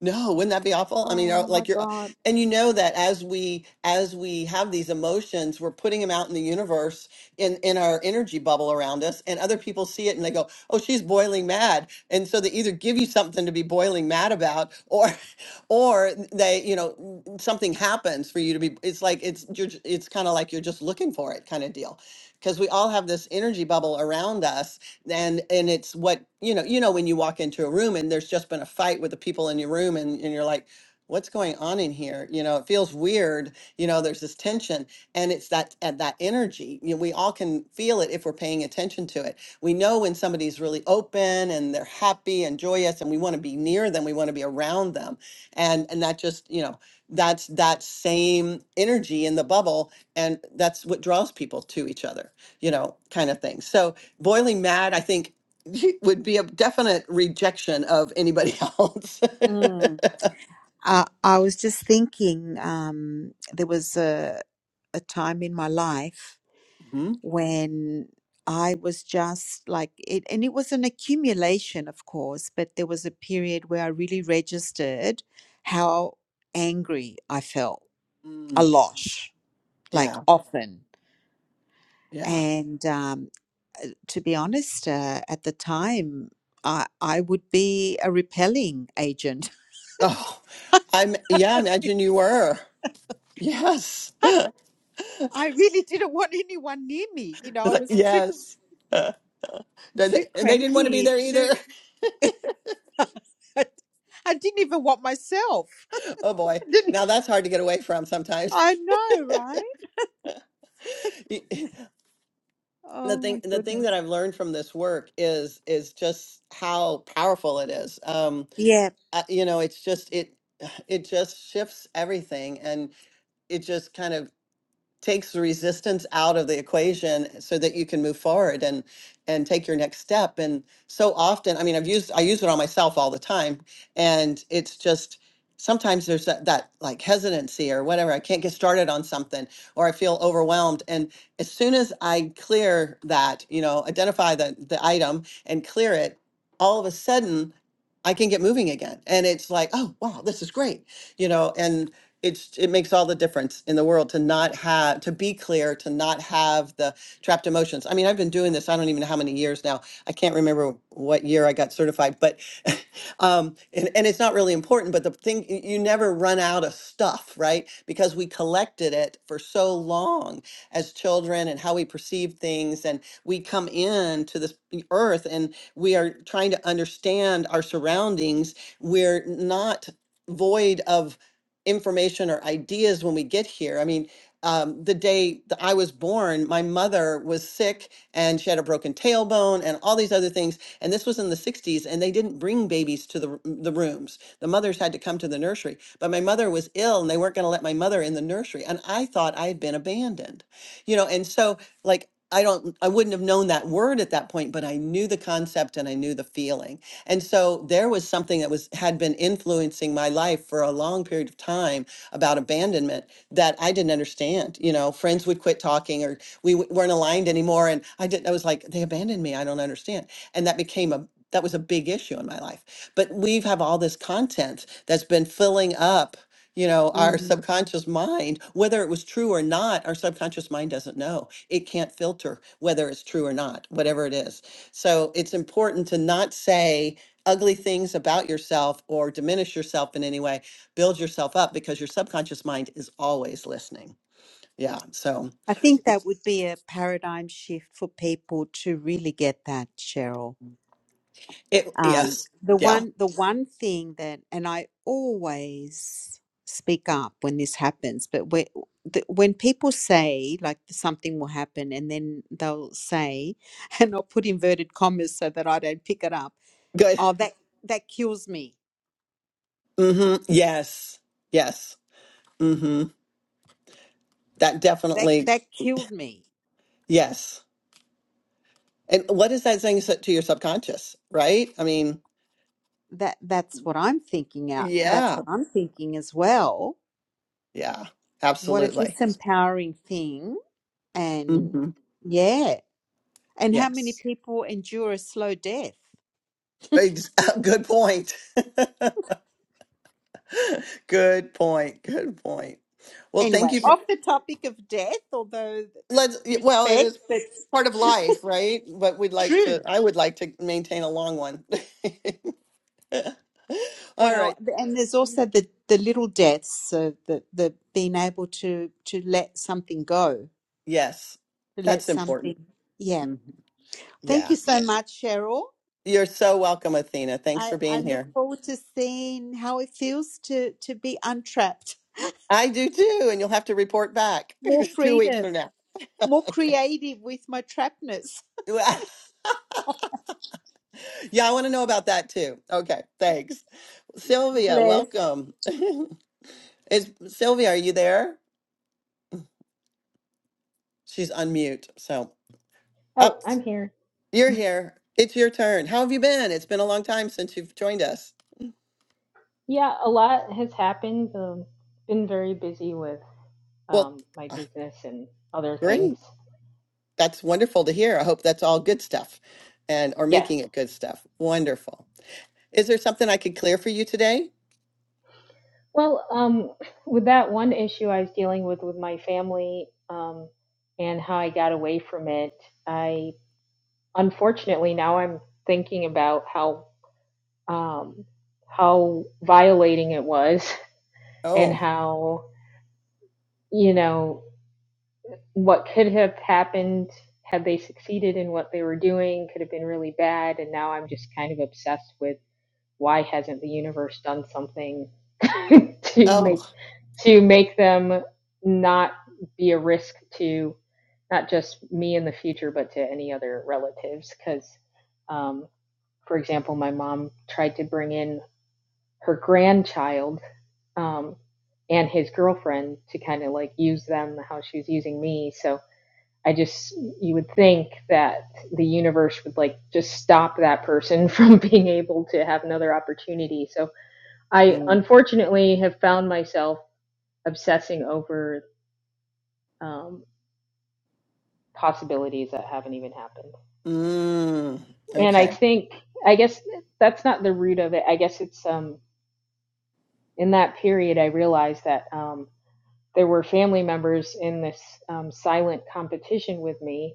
No, wouldn't that be awful? I mean, uh, Oh my like you're, God. and you know that as we as we have these emotions, we're putting them out in the universe in in our energy bubble around us, and other people see it and they go, "Oh, she's boiling mad," and so they either give you something to be boiling mad about, or or they, you know, something happens for you to be. It's like it's you're, j- it's kind of like you're just looking for it, kind of deal, because we all have this energy bubble around us and and it's what you know you know when you walk into a room and there's just been a fight with the people in your room and, and you're like what's going on in here you know it feels weird you know there's this tension and it's that at that energy you know, we all can feel it if we're paying attention to it we know when somebody's really open and they're happy and joyous and we want to be near them we want to be around them and and that just you know that's that same energy in the bubble and that's what draws people to each other you know kind of thing so Boiling Mad, I think, would be a definite rejection of anybody else. Mm. I, I was just thinking, um, there was a, a time in my life hmm when I was just like it, and it was an accumulation, of course, but there was a period where I really registered how angry I felt a Mm, lot, like yeah, often. yeah. And um, uh, to be honest, uh, at the time, I, I would be a repelling agent. Oh, I'm. Yeah, imagine you were. Yes, I really didn't want anyone near me. You know, I Like, was too yes. Uh, they- Too they- and they didn't want to be cranky. there Too. either. I I didn't even want myself. Oh boy, now that's hard to get away from sometimes. I know, right? Y- the Oh thing, my the thing goodness. that I've learned from this work is is just how powerful it is. Um, Yeah. uh, you know, it's just it it just shifts everything, it just kind of takes the resistance out of the equation so that you can move forward and and take your next step and so often i mean i've used i use it on myself all the time and it's just sometimes there's that, that like hesitancy or whatever i can't get started on something or i feel overwhelmed and as soon as i clear that you know identify the the item and clear it all of a sudden i can get moving again and it's like oh wow this is great you know And it's it makes all the difference in the world to not have to be clear to not have the trapped emotions i mean i've been doing this i don't even know how many years now i can't remember what year i got certified but um and, and it's not really important but the thing y- you never run out of stuff right because we collected it for so long as children and how we perceive things and we come in to this earth and we are trying to understand our surroundings we're not void of information or ideas when we get here. I mean, um, the day that I was born, my mother was sick and she had a broken tailbone and all these other things. And this was in the 60s, and they didn't bring babies to the, r- the rooms. The mothers had to come to the nursery. But my mother was ill and they weren't going to let my mother in the nursery. And I thought I had been abandoned, you know, and so like, I don't, I wouldn't have known that word at that point, but I knew the concept and I knew the feeling. And so there was something that was had been influencing my life for a long period of time about abandonment that I didn't understand. You know, friends would quit talking or we w- weren't aligned anymore and I didn't I was like they abandoned me. I don't understand. And that became a that was a big issue in my life. But we have all this content that's been filling up you know our Mm. subconscious mind whether it was true or not our subconscious mind doesn't know it can't filter whether it's true or not whatever it is so it's important to not say ugly things about yourself or diminish yourself in any way build yourself up because your subconscious mind is always listening yeah so I think that would be a paradigm shift for people to really get that, Cheryl. it Um, yes the yeah one, the one thing that, and I always speak up when this happens, but when the, when people say like something will happen, and then they'll say, and I'll put inverted commas so that I don't pick it up good Oh, that that kills me. hmm yes yes hmm that That definitely that killed me. yes and what is that saying so- to your subconscious right i mean That that's what I'm thinking out. That's yeah what I'm thinking as well. Yeah, What a absolutely. disempowering thing. And hmm yeah. And how many Yes. people endure a slow death? Ex- Good point. Good point. Good point. Well, thank Anyway, you for off the topic of death, although th- let's y- well, it respect, is that's part of life, right? But we'd like true. to I would like to maintain a long one. All Well, right. th- and there's also the the little deaths, so the the being able to to let something go, Yes. to let That's something, important. yeah. Mhm. Thank Yeah. you so much, Cheryl. You're so welcome, Athena. Thanks I, for I being look here. forward to seeing how it feels to, to be untrapped. I do too, and you'll have to report back More 2 weeks freedom, from now. more creative with my trappedness. Yeah, I want to know about that too. Okay, thanks. Sylvia, Bless. welcome. Is Sylvia, are you there? She's unmute. So, Oh, up, I'm here. you're here. It's your turn. How have you been? It's been a long time since you've joined us. Yeah, a lot has happened. Um, been very busy with Well, um, my uh, business and other things. great. That's wonderful to hear. I hope that's all good stuff and or Yes. making it good stuff. Wonderful. Is there something I could clear for you today? Well, um, with that one issue I was dealing with with my family um, and how I got away from it, I unfortunately now I'm thinking about how um, how violating it was and Oh, how you know what could have happened had they succeeded in what they were doing could have been really bad and now i'm just kind of obsessed with why hasn't the universe done something to oh. make to make them not be a risk to not just me in the future but to any other relatives because um, for example my mom tried to bring in her grandchild um, and his girlfriend to kind of like use them how she was using me so I just you would think that the universe would like just stop that person from being able to have another opportunity. So I Mm. unfortunately have found myself obsessing over um, possibilities that haven't even happened. Mm. And I Okay. think I guess that's not the root of it. I guess it's um in that period I realized that um there were family members in this um, silent competition with me.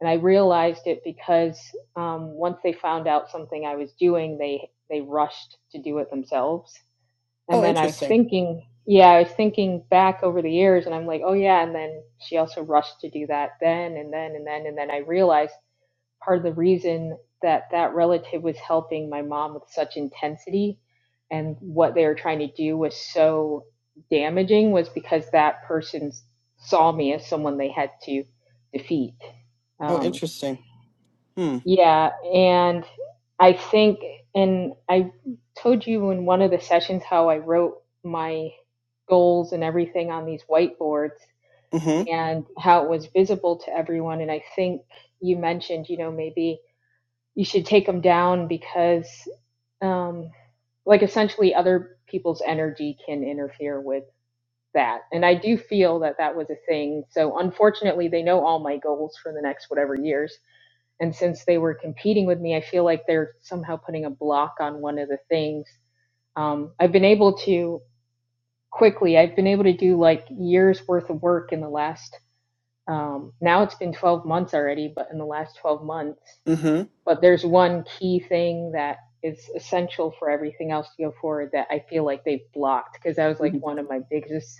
And I realized it because um, once they found out something I was doing, they, they rushed to do it themselves. And Oh, then I was interesting. thinking, yeah, I was thinking back over the years and I'm like, oh yeah. And then she also rushed to do that then and then and then. And then I realized part of the reason that that relative was helping my mom with such intensity and what they were trying to do was so damaging was because that person saw me as someone they had to defeat. Oh, Um, interesting. Hmm. yeah, and I think, and I told you in one of the sessions how I wrote my goals and everything on these whiteboards Mm-hmm. and how it was visible to everyone. And I think you mentioned, you know, maybe you should take them down because um, like essentially other people's energy can interfere with that and i do feel that that was a thing so unfortunately they know all my goals for the next whatever years and since they were competing with me i feel like they're somehow putting a block on one of the things um, i've been able to quickly i've been able to do like years worth of work in the last um, now it's been 12 months already but in the last 12 months Mm-hmm. but there's one key thing that is essential for everything else to go forward that I feel like they blocked because that was like mm-hmm. one of my biggest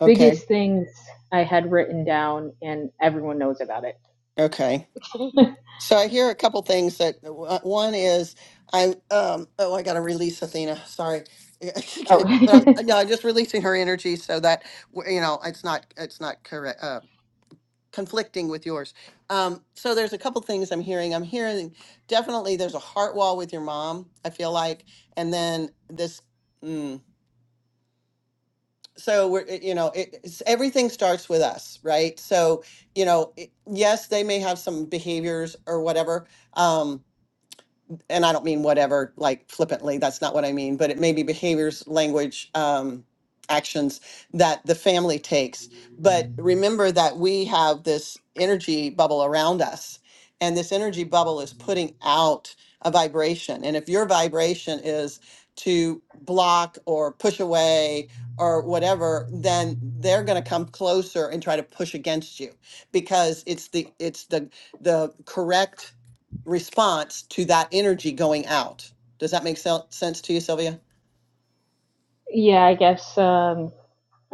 Okay. biggest things I had written down and everyone knows about it. Okay. So I hear a couple things that one is I um oh I gotta release Athena sorry Oh. but I'm no I'm just releasing her energy so that w- you know it's not it's not correct uh, conflicting with yours. Um, so there's a couple things I'm hearing. I'm hearing definitely there's a heart wall with your mom. I feel like and then this. Mm, so we're it- you know it, it's, everything starts with us right so you know it, yes they may have some behaviors or whatever um, and I don't mean whatever, like flippantly, that's not what I mean, but it may be behaviors, language, um, actions that the family takes. But remember that we have this energy bubble around us, and this energy bubble is putting out a vibration. And if your vibration is to block or push away or whatever, then they're going to come closer and try to push against you because it's the it's the the correct response to that energy going out. Does that make sel- sense to you, Sylvia? yeah, I guess um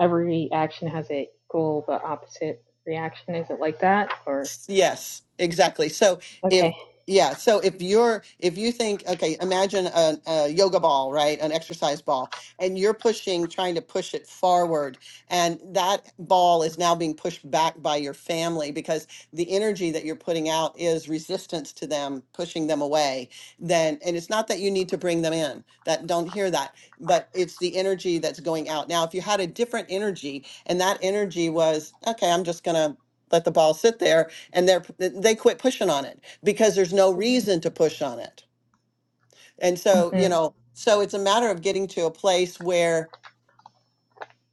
every action has a goal but opposite reaction is it like that or Yes, exactly. So if okay. yeah, so if you're if you think okay, imagine a, a yoga ball, right, an exercise ball, and you're pushing, trying to push it forward, and that ball is now being pushed back by your family because the energy that you're putting out is resistance to them, pushing them away. Then, and it's not that you need to bring them in. That don't hear that, but it's the energy that's going out. Now, if you had a different energy, and that energy was okay, I'm just gonna let the ball sit there and they're they quit pushing on it because there's no hmm reason to push on it and so hmm you know so it's a matter of getting to a place where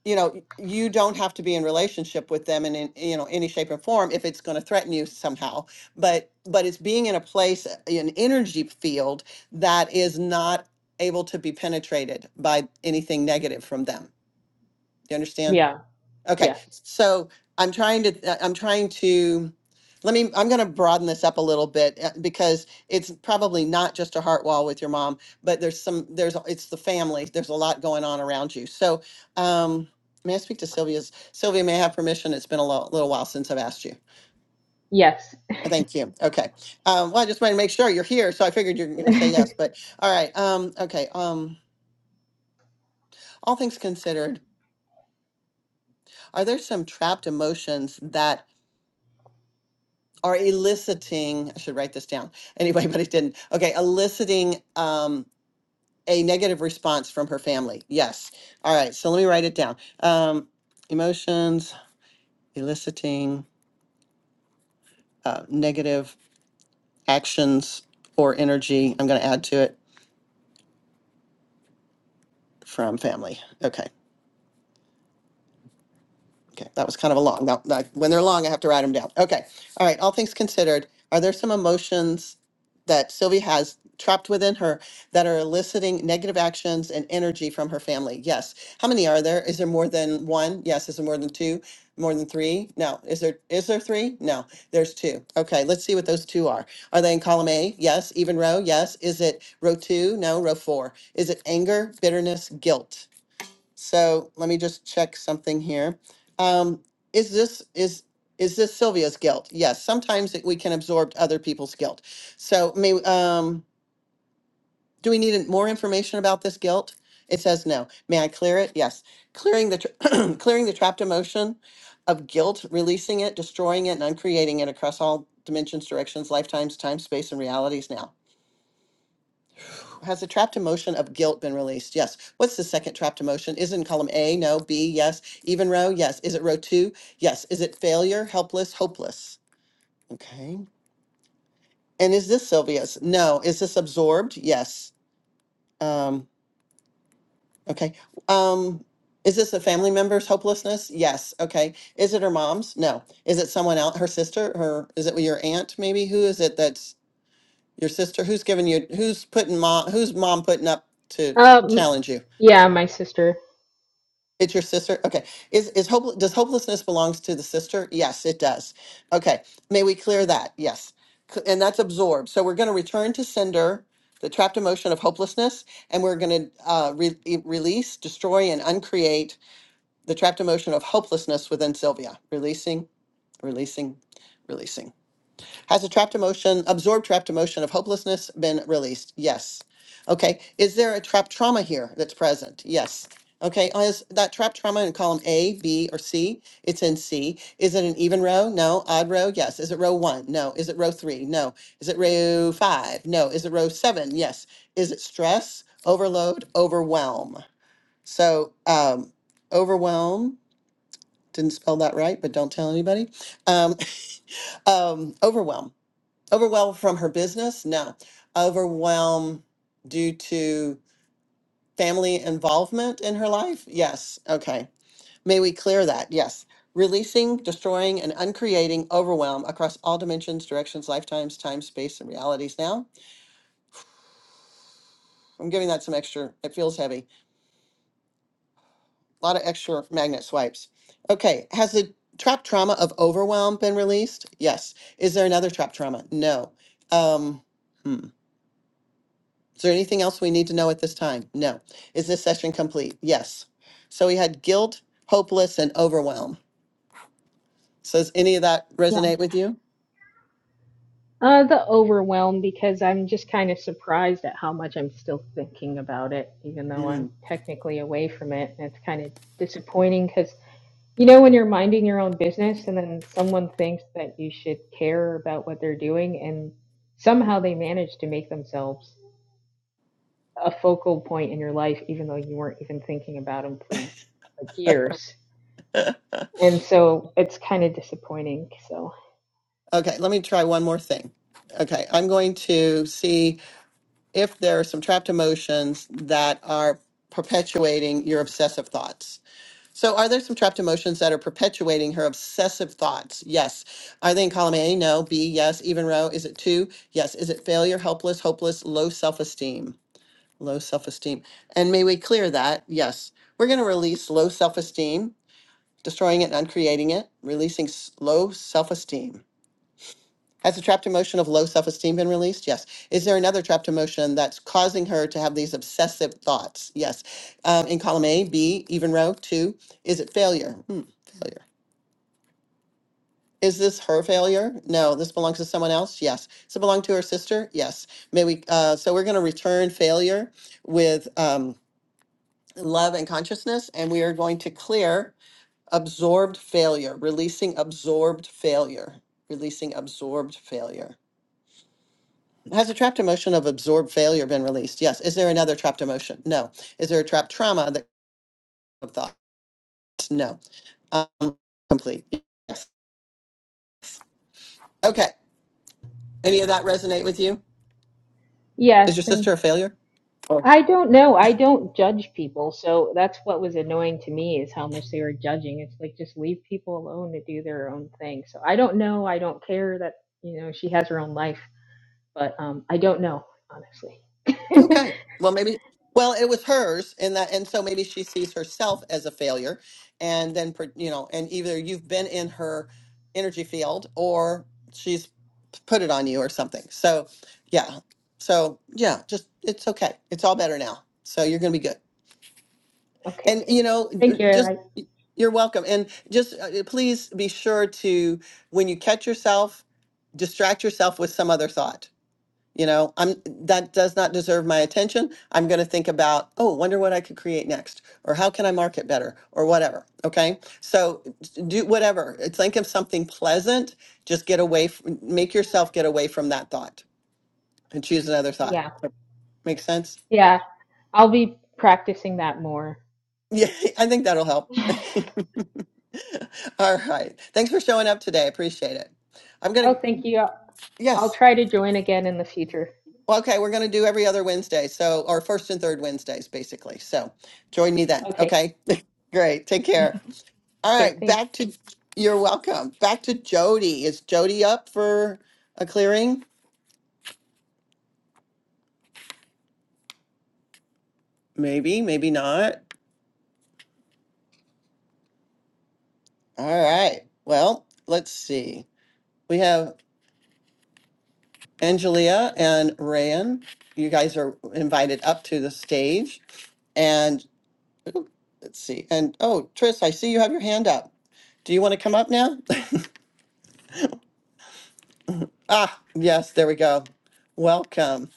you know y- you don't have to be in relationship with them in, in you know any shape or form if it's going to threaten you somehow but but it's being in a place uh, an energy field that is not able to be penetrated by anything negative from them do you understand Yeah, Okay, yes. so I'm trying to, uh, I'm trying to, let me, I'm gonna broaden this up a little bit uh, because it's probably not just a heart wall with your mom, but there's some, there's, it's the family. There's a lot going on around you. So, um, may I speak to Sylvia's? Sylvia may I have permission. It's been a lo- little while since I've asked you. Yes. Uh, Thank you. Okay. Um, well, I just wanted to make sure you're here, so I figured you're gonna say yes, but, all right, um, okay, um, all things considered, are there some trapped emotions that are eliciting, I should write this down. Anyway, but it didn't. Okay, eliciting um, a negative response from her family. Yes. All right, so let me write it down. Um, emotions, eliciting uh, negative actions or energy. I'm going to add to it from family. Okay. Okay, that was kind of a long, Now, no, when they're long, I have to write them down. Okay, all right, all things considered, are there some emotions that Sylvie has trapped within her that are eliciting negative actions and energy from her family? Yes. How many are there? Is there more than one? Yes. Is there more than two? More than three? No. Is there, is there three? No, there's two. Okay, let's see what those two are. Are they in column A? Yes. Even row? Yes. Is it row two? No, row four. Is it anger, bitterness, guilt? So let me just check something here. Um, is this is is this Sylvia's guilt? Yes. Sometimes it, we can absorb other people's guilt. So may um, do we need more information about this guilt? It says no. May I clear it? Yes. Clearing the tra- clearing the trapped emotion of guilt, releasing it, destroying it, and uncreating it across all dimensions, directions, lifetimes, time, space, and realities. Now has the trapped emotion of guilt been released? Yes. What's the second trapped emotion? Is it in column A? No. B? Yes. Even row? Yes. Is it row two? Yes. Is it failure, helpless, hopeless? Okay. And is this Sylvia's? No. Is this absorbed? Yes. Um, okay. Um, is this a family member's hopelessness? Yes. Okay. Is it her mom's? No. Is it someone else? Her sister? Her? Is it your aunt? Maybe. Who is it? That's your sister. Who's giving you? Who's putting mom? Who's mom putting up to Um challenge you? yeah, my sister. It's your sister. Okay. Is is hope does hopelessness belongs to the sister? Yes, it does. Okay. May we clear that? Yes. C- And that's absorbed. So we're going to return to cinder, the trapped emotion of hopelessness, and we're going to uh, re- e- release, destroy, and uncreate the trapped emotion of hopelessness within Sylvia. Releasing, releasing, releasing. Has a trapped emotion, absorbed trapped emotion of hopelessness been released? Yes. Okay. Is there a trapped trauma here that's present? Yes. Okay. Oh, Is that trapped trauma in column A, B, or C? It's in C. Is it an even row? No. Odd row? Yes. Is it row one? No. Is it row three? No. Is it row five? No. Is it row seven? Yes. Is it stress, overload, overwhelm? So, um, overwhelm, didn't spell that right, but don't tell anybody. Um, um, overwhelm. Overwhelm from her business? No. Overwhelm due to family involvement in her life? Yes. Okay. May we clear that? Yes. Releasing, destroying, and uncreating overwhelm across all dimensions, directions, lifetimes, time, space, and realities. Now, I'm giving that some extra, it feels heavy. A lot of extra magnet swipes. Okay. Has the trapped trauma of overwhelm been released? Yes. Is there another trapped trauma? No. Um, hmm. Is there anything else we need to know at this time? No. Is this session complete? Yes. So we had guilt, hopeless, and overwhelm. So does any of that Yeah. resonate with you? Uh, the overwhelm because I'm just kind of surprised at how much I'm still thinking about it, even though I'm Mm. technically away from it. And it's kind of disappointing because, you know, when you're minding your own business and then someone thinks that you should care about what they're doing, and somehow they manage to make themselves a focal point in your life, even though you weren't even thinking about them for like years. And so it's kind of disappointing. So, Okay, let me try one more thing. Okay, I'm going to see if there are some trapped emotions that are perpetuating your obsessive thoughts. So, are there some trapped emotions that are perpetuating her obsessive thoughts? Yes. Are they in column A? No. B? Yes. Even row? Is it two? Yes. Is it failure, helpless, hopeless, low self esteem? Low self-esteem. And may we clear that? Yes. We're going to release low self-esteem, destroying it and uncreating it, releasing s- low self-esteem. Has the trapped emotion of low self-esteem been released? Yes. Is there another trapped emotion that's causing her to have these obsessive thoughts? Yes. Um, in column A, B, even row, two, is it failure? Hmm, failure. Is this her failure? No. This belongs to someone else? Yes. Does it belong to her sister? Yes. May we, uh, so we're going to return failure with, um, love and consciousness and we are going to clear absorbed failure releasing absorbed failure releasing absorbed failure has a trapped emotion of absorbed failure been released yes is there another trapped emotion no is there a trapped trauma that of thoughts no um, complete yes okay any of that resonate with you is yes. your sister a failure I don't know. I don't judge people. So that's what was annoying to me is how much they were judging. It's like just leave people alone to do their own thing. So I don't know. I don't care that, you know, she has her own life, but um I don't know, honestly. Okay. Well, maybe. Well, it was hers, and that, and so maybe she sees herself as a failure, and then pr- you know, and either you've been in her energy field, or she's p- put it on you, or something. So, yeah. So yeah, just it's okay. It's all better now. So you're gonna be good. okay, And good. you know, Thank j- you. just I, y- you're welcome. And just uh, please be sure to when you catch yourself, distract yourself with some other thought you know, I'm that does not deserve my attention. I'm going to think about, oh, wonder what I could create next, or how can I market better, or whatever. Okay, so do whatever. uh, Think of something pleasant. Just get away. f- Make yourself get away from that thought and choose another thought. yeah. Make sense? Yeah. I'll be practicing that more. Yeah, I think that'll help. oh, All right. Thanks for showing up today. I appreciate it. I'm gonna. thank you. I'll, Yes. I'll try to join again in the future. Well, okay, we're going to do every other Wednesday. So, or first and third Wednesdays, basically. So join me then. Okay. Okay. Great. Take care. All Okay, right. thank Back to, you're welcome. Back to Jody. Is Jody up for a clearing? Maybe, maybe not. All right. Well, let's see. We have Angelia and Rayan. You guys are invited up to the stage. And let's see. And oh, Tris, I see you have your hand up. Do you want to come up now? Ah, yes, there we go. Welcome.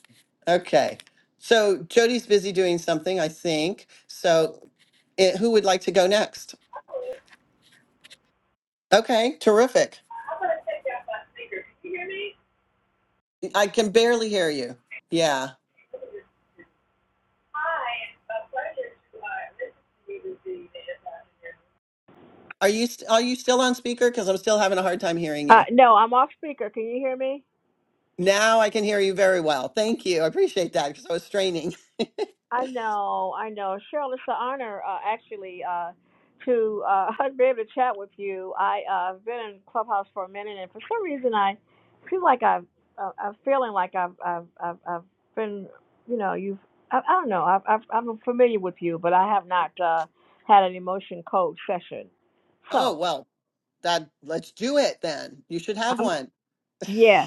Okay. So Jody's busy doing something, I think. So it, who would like to go next? Okay, terrific. I can barely hear you. Yeah. Are you st- are you still on speaker because I'm still having a hard time hearing Uh, you. no, I'm off speaker. Can you hear me? Now I can hear you very well. Thank you. I appreciate that because I was straining. I know, I know. Cheryl, it's an honor, uh, actually, uh, to uh, be able to chat with you. I, uh, I've uh, been in Clubhouse for a minute, and for some reason, I feel like I've, uh, I'm feeling like I've, I've, I've, I've been, you know, you've, I, I don't know, I've, I've, I'm familiar with you, but I have not uh, had an emotion code session. Oh, So, well, that let's do it then. You should have I'm, one. yes,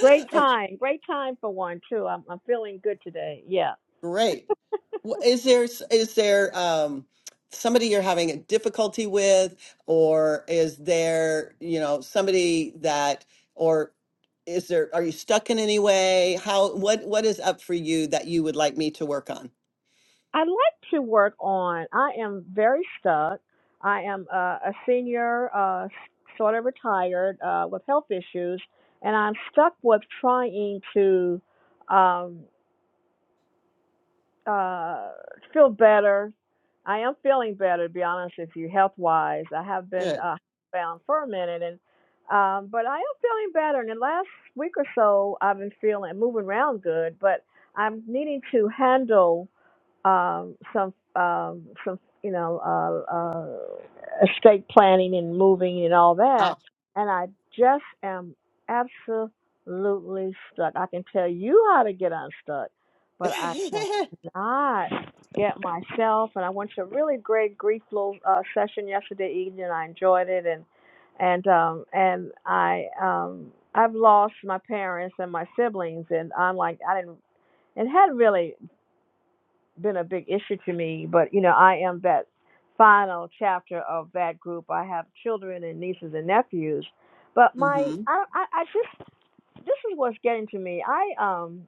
Great time. Great time for one too. I'm I'm feeling good today. Yeah. Great. W- Is there s- is there um, somebody you're having a difficulty with, or is there, you know, somebody that, or is there, are you stuck in any way? How, what, what is up for you that you would like me to work on? I like to work on. I am very stuck. I am uh, a senior, uh, s- sort of retired uh, with health issues, and I'm stuck with trying to. Um, uh feel better. I am feeling better to be honest with you, health wise. I have been Good. uh bound for a minute and um but I am feeling better and the last week or so I've been feeling moving around good, but I'm needing to handle um, some um, some you know uh, uh, estate planning and moving and all Oh. that, and I just am absolutely stuck. I can tell you how to get unstuck, but I cannot get myself. And I went to a really great grief little uh, session yesterday evening. I enjoyed it, and and um, and I um, I've lost my parents and my siblings, and I'm like I didn't. It had really been a big issue to me, but you know, I am that final chapter of that group. I have children and nieces and nephews, but my Mm-hmm. I I, I just this is what's getting to me. I um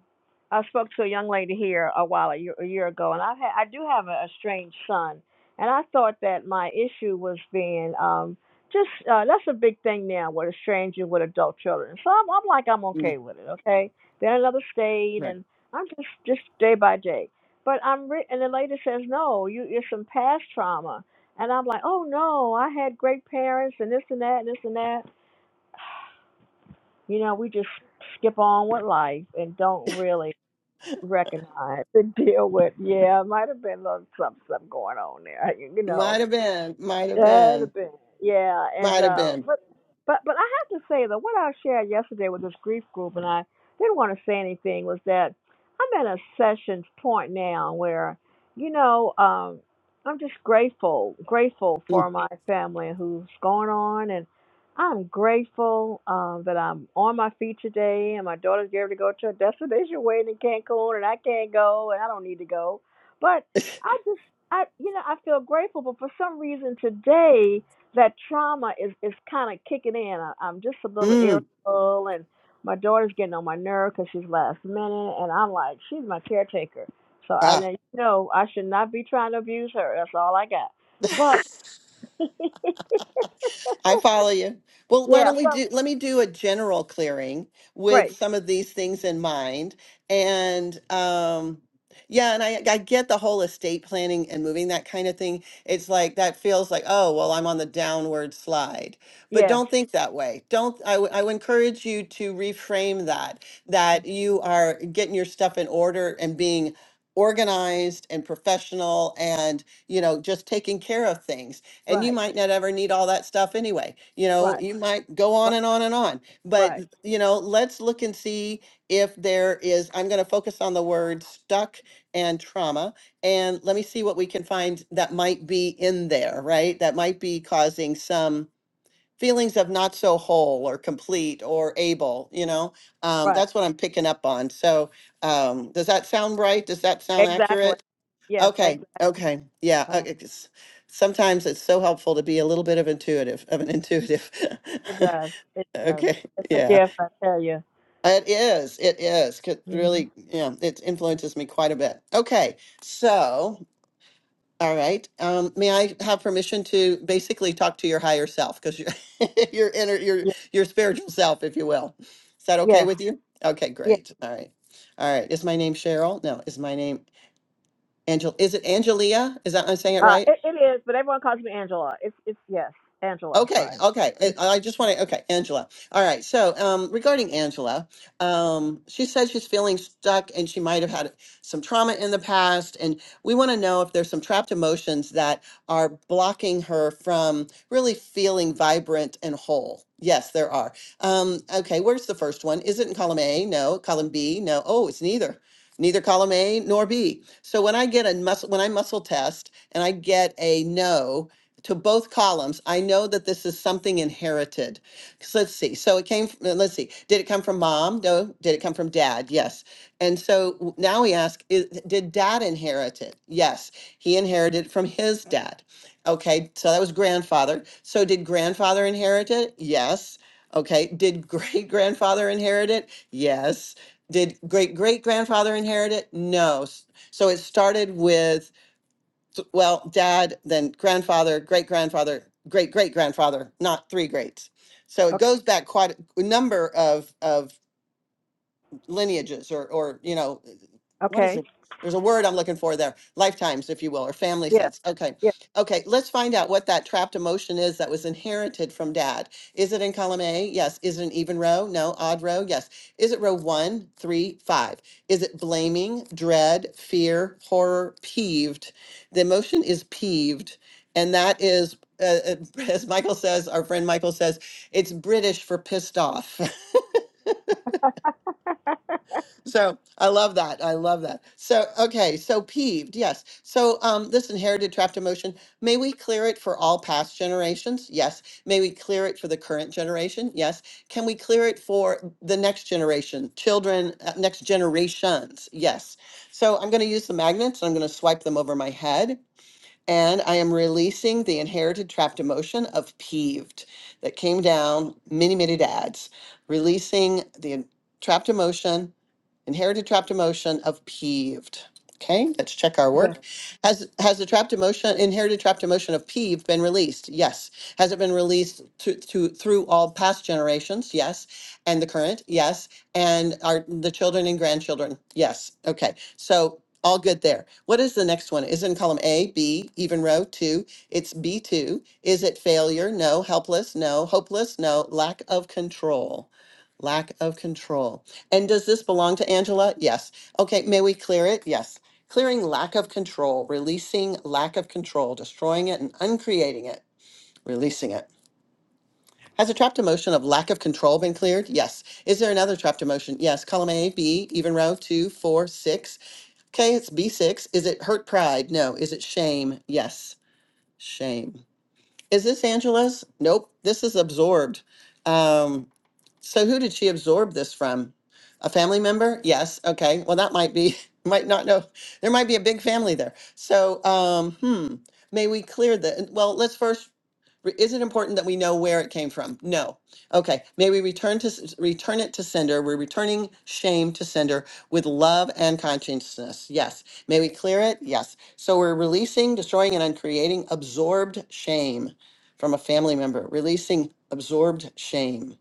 I spoke to a young lady here a while a year, a year ago, and I had I do have a, a strange son, and I thought that my issue was being um just uh, that's a big thing now with estranging with adult children. So I'm, I'm like I'm Mm, okay with it. Okay, they're in another state, right. and I'm just just day by day. But I'm re- and the lady says no, you it's some past trauma, and I'm like oh no, I had great parents and this and that and this and that You know, we just skip on with life and don't really recognize and deal with. Yeah, it might have been a little something, something going on there. You Might know, have been, might have That'd been, have been. Yeah, and might have uh, been. but but but I have to say though, what I shared yesterday with this grief group, and I didn't want to say anything, was that I'm at a session point now where, you know, um, I'm just grateful, grateful Mm, for my family and who's going on, and I'm grateful um, that I'm on my feet today, and my daughter's getting ready to go to a destination wedding in Cancun, and I can't go, and I don't need to go, but. I just, I, you know, I feel grateful, but for some reason today, that trauma is is kind of kicking in. I, I'm just a little mm, irritable, and my daughter's getting on my nerve because she's last minute, and I'm like, she's my caretaker, so I ah. let you know I should not be trying to abuse her. That's all I got. But I follow you. Well, why yeah, don't we so do, let me do a general clearing with great. some of these things in mind. And um, yeah, and I, I get the whole estate planning and moving that kind of thing. It's like that feels like, oh, well, I'm on the downward slide. But Yes, don't think that way. Don't, I w- I would encourage you to reframe that, that you are getting your stuff in order and being organized and professional and, you know, just taking care of things and you right, might not ever need all that stuff anyway. You know, right, you might go on right, and on and on. But, right, you know, let's look and see if there is, I'm going to focus on the word stuck and trauma. And let me see what we can find that might be in there, right? That might be causing some feelings of not so whole or complete or able, you know? Um, right. that's what I'm picking up on. So um, does that sound right? Does that sound accurate? Exactly. Yes, Okay, exactly. okay, yeah. uh, it- it's- Sometimes it's so helpful to be a little bit of intuitive, of an intuitive. It does. It does. Okay, It's a yeah. gift, I tell you. It is, it is. 'cause Mm-hmm. Really, yeah, it influences me quite a bit. Okay, so, all right. Um, may I have permission to basically talk to your higher self? Because your your inner your Yeah. your spiritual self, if you will. Is that okay Yes. with you? Okay, Yes. great. All right. All right. Is my name Cheryl? No, is my name Angel? Is it Angelia? Is that I'm saying it Uh, right? it, it is, but everyone calls me Angela. It's it's yes, Angela. Okay, Sorry. okay. Mm, I, I just want to, okay, Angela. All right. So, um, regarding Angela, um, she says she's feeling stuck and she might have had some trauma in the past. And we want to know if there's some trapped emotions that are blocking her from really feeling vibrant and whole. Yes, there are. Um, okay, where's the first one? Is it in column A? No. Column B? No. Oh, it's neither. Neither column A nor B. So when I get a muscle, when I muscle test and I get a no, to both columns, I know that this is something inherited. Because let's see. So it came from, let's see. Did it come from mom? No. Did it come from dad? Yes. And so w- now we ask, is, did dad inherit it? Yes. He inherited it from his dad. Okay. So that was grandfather. So did grandfather inherit it? Yes. Okay. Did great grandfather inherit it? Yes. Did great great grandfather inherit it? No. S- So it started with well, dad, then grandfather, great grandfather, great great grandfather, not three greats. So it Okay. goes back quite a number of of lineages or, or, you know, what is Okay. it? There's a word I'm looking for there, lifetimes, if you will, or family Yes. sets. Okay. Yes. Okay. Let's find out what that trapped emotion is that was inherited from dad. Is it in column A? Yes. Is it an even row? No. Odd row? Yes. Is it row one, three, five? Is it blaming, dread, fear, horror, peeved? The emotion is peeved. And that is, uh, uh, as Michael says, our friend Michael says, it's British for pissed off. So I love that. I love that. So okay, so peeved, yes. So um this inherited trapped emotion, may we clear it for all past generations? Yes. May we clear it for the current generation? Yes. Can we clear it for the next generation, children, uh, next generations? Yes. So I'm going to use the magnets and I'm going to swipe them over my head and I am releasing the inherited trapped emotion of peeved that came down many many dads, releasing the trapped emotion Inherited trapped emotion of peeved. Okay, let's check our yes. work. Has has the trapped emotion, inherited trapped emotion of peeved been released? Yes. Has it been released to, to through all past generations? Yes. And the current? Yes. And are the children and grandchildren? Yes. Okay. So all good there. What is the next one? Is it in column A, B, even row two? It's B two. Is it failure? No. Helpless? No. Hopeless? No. Lack of control. Lack of control. And does this belong to Angela? Yes. Okay, may we clear it? Yes. Clearing lack of control, releasing lack of control, destroying it and uncreating it, releasing it. Has a trapped emotion of lack of control been cleared? Yes. Is there another trapped emotion? Yes. Column A, B, even row, two, four, six. Okay, it's B6. Is it hurt pride? No. Is it shame? Yes. Shame. Is this Angela's? Nope. This is absorbed. Um, so who did she absorb this from? A family member? Yes. Okay. Well, that might be, might not know. There might be a big family there. So, um, hmm, may we clear the, well, let's first, re- is it important that we know where it came from? No. Okay. May we return to, s- return it to sender. We're returning shame to sender with love and consciousness. Yes. May we clear it? Yes. So we're releasing, destroying, and uncreating absorbed shame from a family member, releasing absorbed shame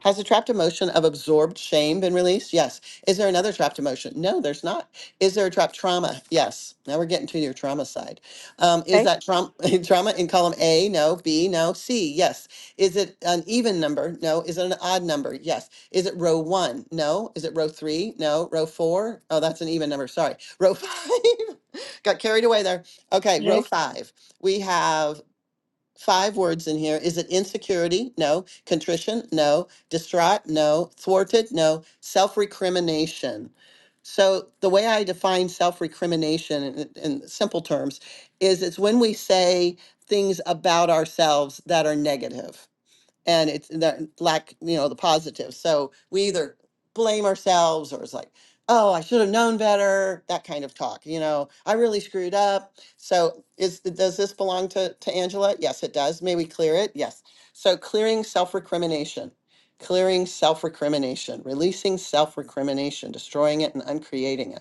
has the trapped emotion of absorbed shame been released? Yes. Is there another trapped emotion? No, there's not. Is there a trapped trauma? Yes. Now we're getting to your trauma side. Um, is Okay. that trauma trauma in column A? No. B? No. C? Yes. Is it an even number? No. Is it an odd number? Yes. Is it row one? No. Is it row three? No. Row four? Oh, that's an even number. Sorry. Row five. Got carried away there. Okay. Row Okay. five. We have five words in here. Is it insecurity? No. Contrition? No. Distraught? No. Thwarted? No. Self recrimination. So, the way I define self recrimination in, in simple terms is it's when we say things about ourselves that are negative and it's the lack, you know, the positive. So we either blame ourselves or it's like, oh, I should have known better, that kind of talk, you know, I really screwed up. So is does this belong to, to Angela? Yes, it does. May we clear it? Yes. So clearing self-recrimination. Clearing self recrimination, releasing self recrimination, destroying it and uncreating it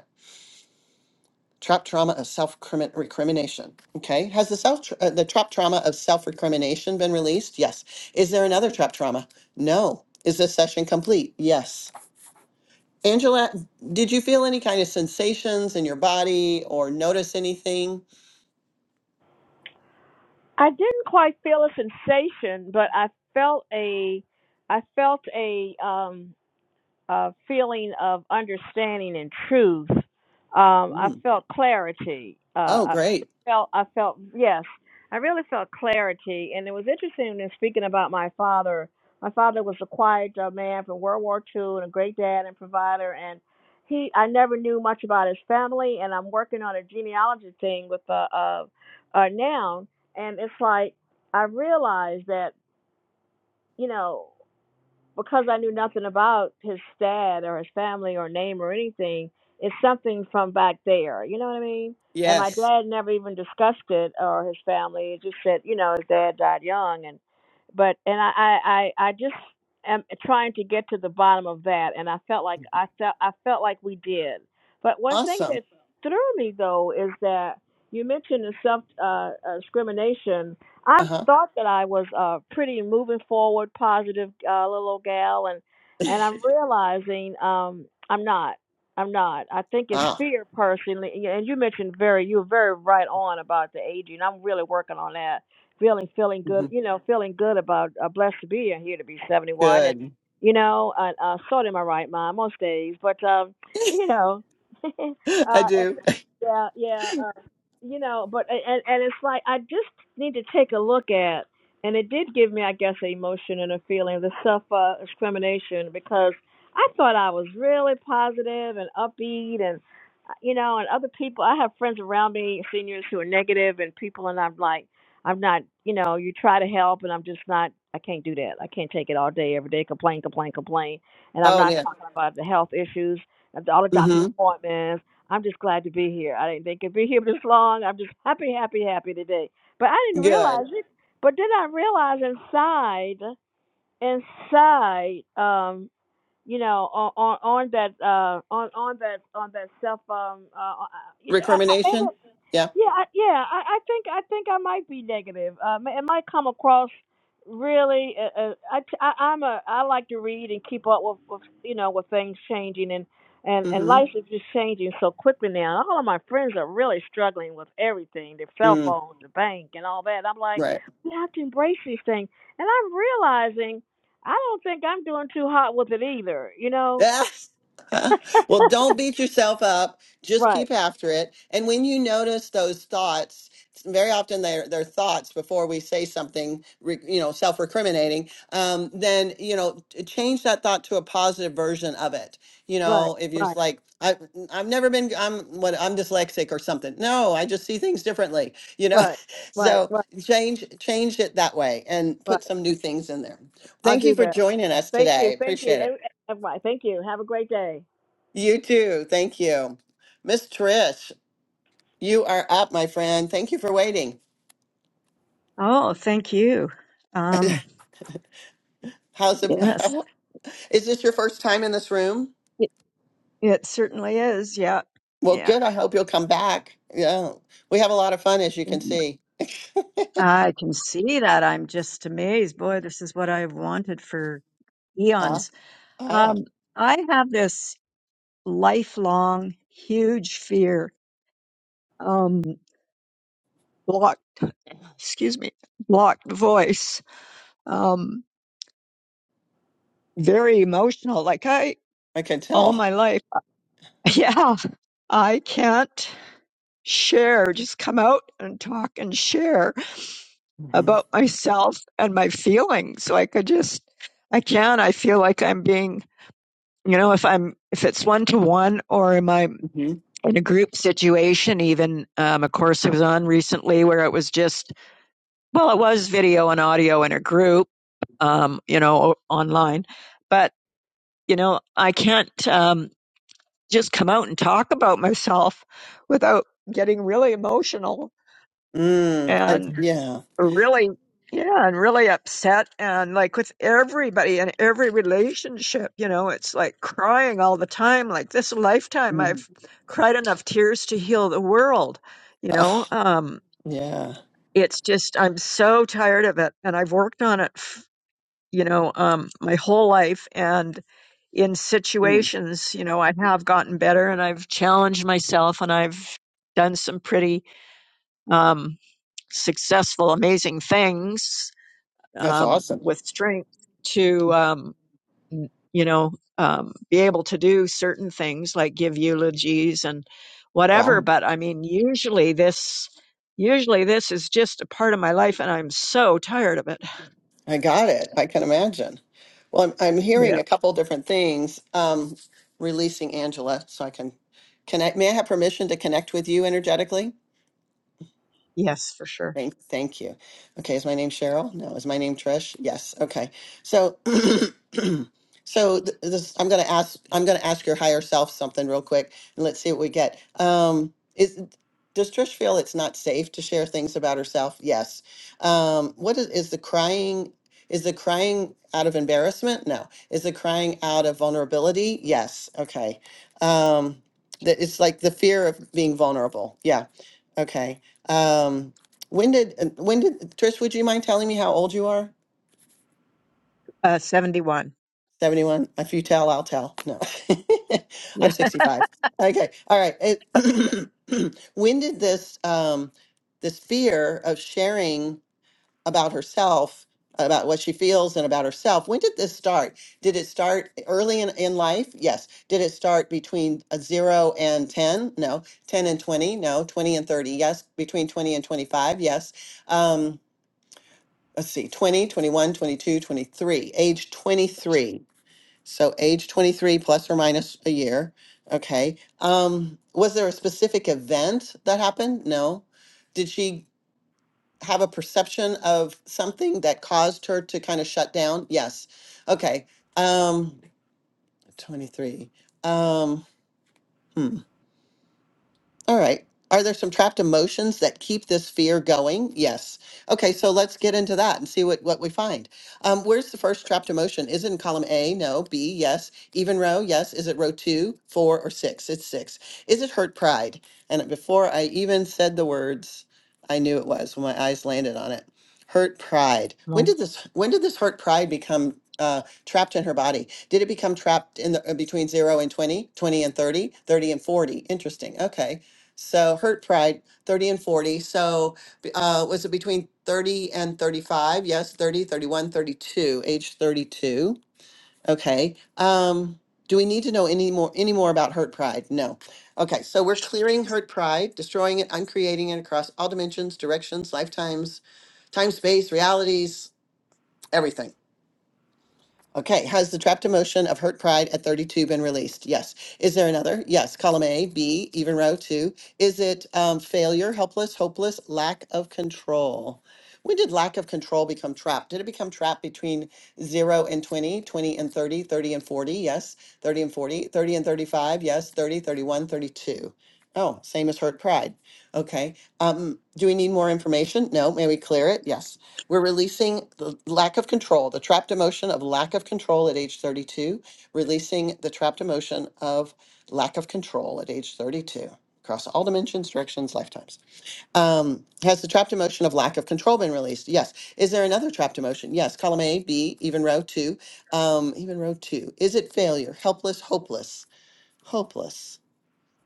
trap trauma of self recrimination. Okay, has the self uh, the trap trauma of self recrimination been released? Yes. Is there another trap trauma? No. Is this session complete? Yes. Angela, did you feel any kind of sensations in your body or notice anything? I didn't quite feel a sensation, but I felt a, I felt a. Um, uh, feeling of understanding and truth. Um, I Mm. felt clarity. Oh, Uh, I great. felt, I felt, yes, I really felt clarity. And it was interesting in speaking about my father. My father was a quiet uh, man from World War II and a great dad and provider. And he, I never knew much about his family. And I'm working on a genealogy thing with uh, uh, uh, now. And it's like I realized that you know because I knew nothing about his dad or his family or name or anything, it's something from back there. You know what I mean? And my Yes. dad never even discussed it or his family. It just said, you know, his dad died young, and but and I I I I just am trying to get to the bottom of that, and I felt like I felt I felt like we did. But one thing Awesome. that threw me though is that you mentioned the self uh, uh, discrimination I Uh huh. thought that I was a pretty moving forward, positive uh, little gal, and and I'm realizing um, I'm not. I'm not. I think it's Ah. fear personally, and you and you mentioned very, you were very right on about the aging. I'm really working on that, feeling feeling good, hmm you know, feeling good about uh, blessed to be here to be 71, and Good. you know, uh, uh, sort in my right mind most days, but um, you know, I uh, do. yeah, yeah, uh, you know, but a- and and it's like I just need to take a look at, and it did give me, I guess, an emotion and a feeling, the self uh, discrimination because I thought I was really positive and upbeat, and uh, you know, and other people. I have friends around me, seniors who are negative, and people, and I'm like, I'm not, you know, you try to help, and I'm just not. I can't do that. I can't take it all day, every day, complain, complain, complain, and I'm Oh, not yeah. talking about the health issues, all the doctor's Mm-hmm. appointments I'm just glad to be here. I didn't think I'd be here this long. I'm just happy, happy, happy today. But I didn't Good. realize it. But then I realized inside, inside, um, you know, on on, on that uh on on that on that self um uh I, I, I- maybe Recrimination. Yeah. yeah I, yeah I, I think I think I might be negative. Uh, ma- it might come across really. Uh, uh, I, t- I I'm a I like to read and keep up with, with you know with things changing and and and Mm-hmm. life is just changing so quickly now. All of my friends are really struggling with everything, their cell Mm, phones, the bank, and all that. I'm like, right. we have to embrace these things, and I'm realizing. I don't think I'm doing too hot with it either, you know? well, don't beat yourself up. Just right, keep after it. And when you notice those thoughts, very often they're, they're thoughts before we say something, re- you know, self recriminating, um, then, you know, t- change that thought to a positive version of it. You right, know, if you're just right, like, I, I've never been, I'm what I'm dyslexic or something. No, I just see things differently, you know? right, right, So right, change, change it that way and right. put some new things in there. I'll Thank you do for that. joining us Thank you, today. thank you. Appreciate it. And, and- right, thank you. Have a great day. You too. Thank you. Miss Trish, you are up, my friend. Thank you for waiting. Oh, thank you. Um, How's it? yes, Is this your first time in this room? it, it certainly is. Yeah, Well, yeah. good. I hope you'll come back. Yeah. We have a lot of fun, as you can see. I can see that. I'm just amazed. Boy, this is what I've wanted for Ah, eons. ah, Um, I have this lifelong huge fear. Um, block, excuse me, blocked voice. Um, very emotional. Like I, I can all tell. my life, yeah, I can't share, just come out and talk and share. hmm about myself and my feelings. so I could just, I can't. I feel like I'm being, you know, if I'm, if it's one to one or am I hmm in a group situation, even um, a course I was on recently where it was just, well, it was video and audio in a group, um, you know, online, but, you know, I can't um, just come out and talk about myself without getting really emotional. Mm, I, and. yeah. really yeah and really upset and like with everybody and every relationship you know it's like crying all the time like this lifetime Mm. i've cried enough tears to heal the world you know Oh, um yeah. it's just i'm so tired of it and i've worked on it f- you know um my whole life and in Mm. situations you know i have gotten better and i've challenged myself and i've done some pretty um successful amazing things That's um, awesome. with strength to um, n- you know um, be able to do certain things like give eulogies and Wow. whatever but i mean usually this usually this is just a part of my life and i'm so tired of it I got it. I can imagine. Well, I'm, I'm Yeah. hearing a couple different things. Um, releasing Angela, so I can connect. May I have permission to connect with you energetically? yes for sure Thank, thank you. Okay, is my name Cheryl? No, is my name Trish? Yes. Okay. So, so th- this, I'm gonna ask. I'm gonna ask your higher self something real quick, and let's see what we get. Um, is does Trish feel it's not safe to share things about herself? Yes. Um, what is, is the crying? Is the crying out of embarrassment? No. Is the crying out of vulnerability? Yes. Okay. Um, that it's like the fear of being vulnerable. Yeah. Okay. Um, when did uh, when did Trish? Would you mind telling me how old you are? Uh, 71. Seventy one. If you tell, I'll tell. No, I'm yeah sixty five. Okay, all right. It- when did this um, this fear of sharing about herself, about what she feels and about herself? When did this start? Did it start early in, in life? Yes. Did it start between a zero and ten? No. Ten and twenty? No. Twenty and thirty? Yes. Between twenty and twenty five? Yes. Um, let's see, 20, 21, 22, 23. age 23. So age 23 plus or minus a year. Okay. Um, was there a specific event that happened? No. Did she have a perception of something that caused her to kind of shut down? Yes. Okay. Um, 23. Um, hmm. All right. Are there some trapped emotions that keep this fear going? Yes. Okay, so let's get into that and see what, what we find. Um, where's the first trapped emotion? Is it in column A? No. B? Yes. Even row? Yes. Is it row two, four, or six? It's six. Is it hurt pride? And before I even said the words, I knew it was when my eyes landed on it. Hurt pride. When well, did this? When did this hurt pride become uh, trapped in her body? Did it become trapped in the uh, between zero and 20, 20 and 30, 30 and 40? Interesting. Okay so Hurt Pride, 30 and 40. So b- uh, was it between 30 and 35? Yes, 30, 31, 32. age 32. Okay. Um, do we need to know any more any more about Hurt Pride? No. Okay, so we're clearing Hurt Pride, destroying it, uncreating it across all dimensions, directions, lifetimes, time, space, realities, everything. Okay, has the trapped emotion of hurt pride at 32 been released? Yes. Is there another? Yes. Column A, B, even row two. Is it um, failure, helpless, hopeless, lack of control? When did lack of control become trapped? Did it become trapped between 0 and 20, 20 and 30, 30 and 40? Yes. 30 and 40, 30 and 35? Yes. 30, 31, 32. Oh, same as hurt pride. Okay. Um, do we need more information? No. May we clear it? Yes. We're releasing the lack of control, the trapped emotion of lack of control at age 32, releasing the trapped emotion of lack of control at age 32 across all dimensions, directions, lifetimes. Um, has the trapped emotion of lack of control been released? Yes. Is there another trapped emotion? Yes. Column A, B, even row two, um, even row two. Is it failure, helpless, hopeless, hopeless?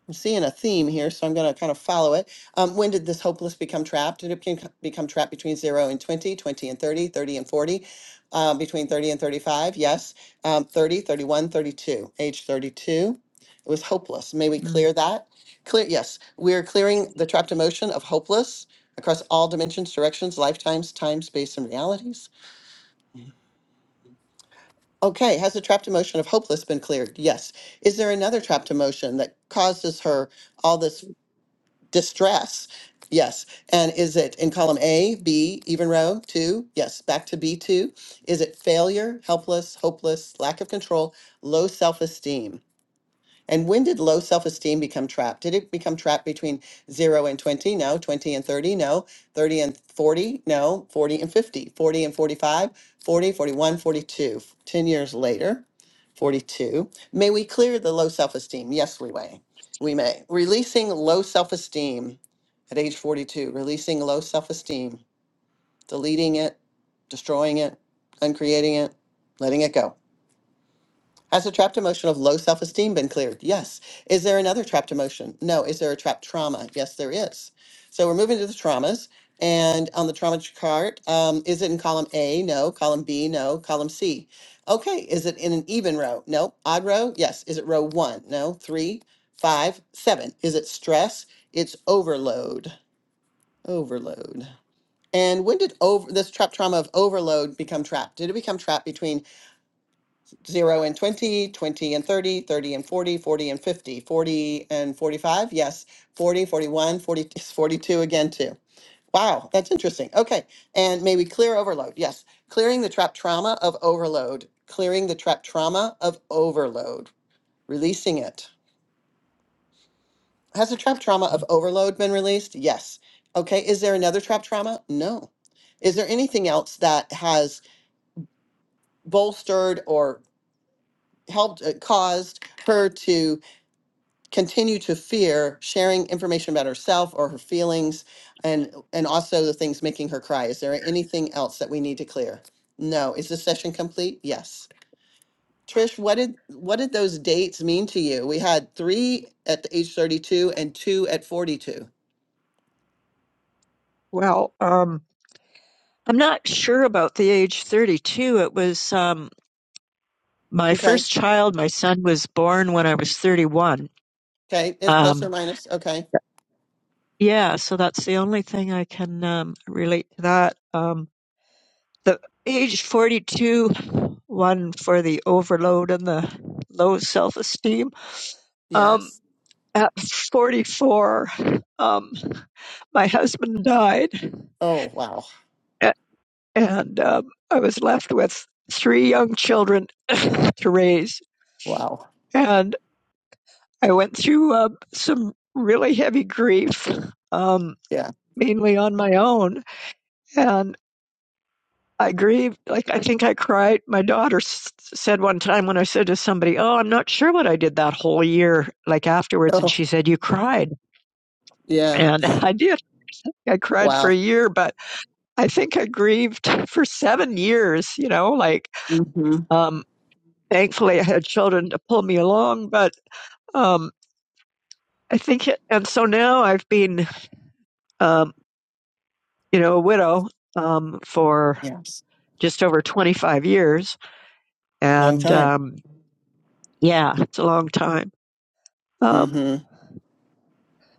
I'm seeing a theme here, so I'm going to kind of follow it. Um, when did this hopeless become trapped? Did it become become trapped between 0 and 20, 20 and 30, 30 and 40, uh, between 30 and 35? Yes. Um, 30, thirty-one, thirty-two, age 32. It was hopeless. May we mm. clear that? Clear, yes. We're clearing the trapped emotion of hopeless across all dimensions, directions, lifetimes, time, space, and realities. Okay, has the trapped emotion of hopeless been cleared? Yes. Is there another trapped emotion that causes her all this distress. Yes. And is it in column A, B, even row, two? Yes. Back to B2. Is it failure, helpless, hopeless, lack of control, low self esteem? And when did low self esteem become trapped? Did it become trapped between zero and 20? No. 20 and 30? No. 30 and 40? No. 40 and 50? 40 and 45? Forty, forty-one, forty-two. 10 years later, 42. May we clear the low self esteem? Yes, we may. We may. Releasing low self esteem at age 42, releasing low self esteem, deleting it, destroying it, uncreating it, letting it go. Has a trapped emotion of low self esteem been cleared? Yes. Is there another trapped emotion? No. Is there a trapped trauma? Yes, there is. So we're moving to the traumas. And on the trauma chart, um, is it in column A? No. Column B? No. Column C? Okay. Is it in an even row? No. Odd row? Yes. Is it row one? No. Three, five, seven. Is it stress? It's overload. Overload. And when did over this trap trauma of overload become trapped? Did it become trapped between 0 and 20, 20 and 30, 30 and 40, 40 and 50, 40 and 45, yes, 40, 41, 40, 42 again too. Wow, that's interesting. Okay, and maybe clear overload, yes. Clearing the trap trauma of overload, clearing the trap trauma of overload, releasing it. Has the trap trauma of overload been released? Yes. Okay, is there another trap trauma? No. Is there anything else that has bolstered or helped, uh, caused her to continue to fear sharing information about herself or her feelings and and also the things making her cry is there anything else that we need to clear no is this session complete yes trish what did what did those dates mean to you we had three at the age 32 and two at 42 Well, um, i'm not sure about the age 32 it was um, my okay first child my son was born when i was 31 okay it's plus Um, or minus okay Yeah, so that's the only thing I can um, relate to that. Um, the age 42 one for the overload and the low self-esteem. Um, yes at 44, um, my husband died, oh wow a- and um, I was left with three young children to raise. wow And I went through uh, some really heavy grief, um, yeah mainly on my own. and. I grieve. Like, I think I cried. My daughter s- said one time when I said to somebody, Oh, I'm not sure what I did that whole year, like afterwards. And oh she said, You cried. yeah And I did. I cried for wow a year, but I think I grieved for seven years, you know, like, mm-hmm. um, thankfully I had children to pull me along, but, um, I think, it, and so now I've been, um, you know, a widow, um, for yes just over 25 years. long And, time um, yeah, it's a long time. Um, mm-hmm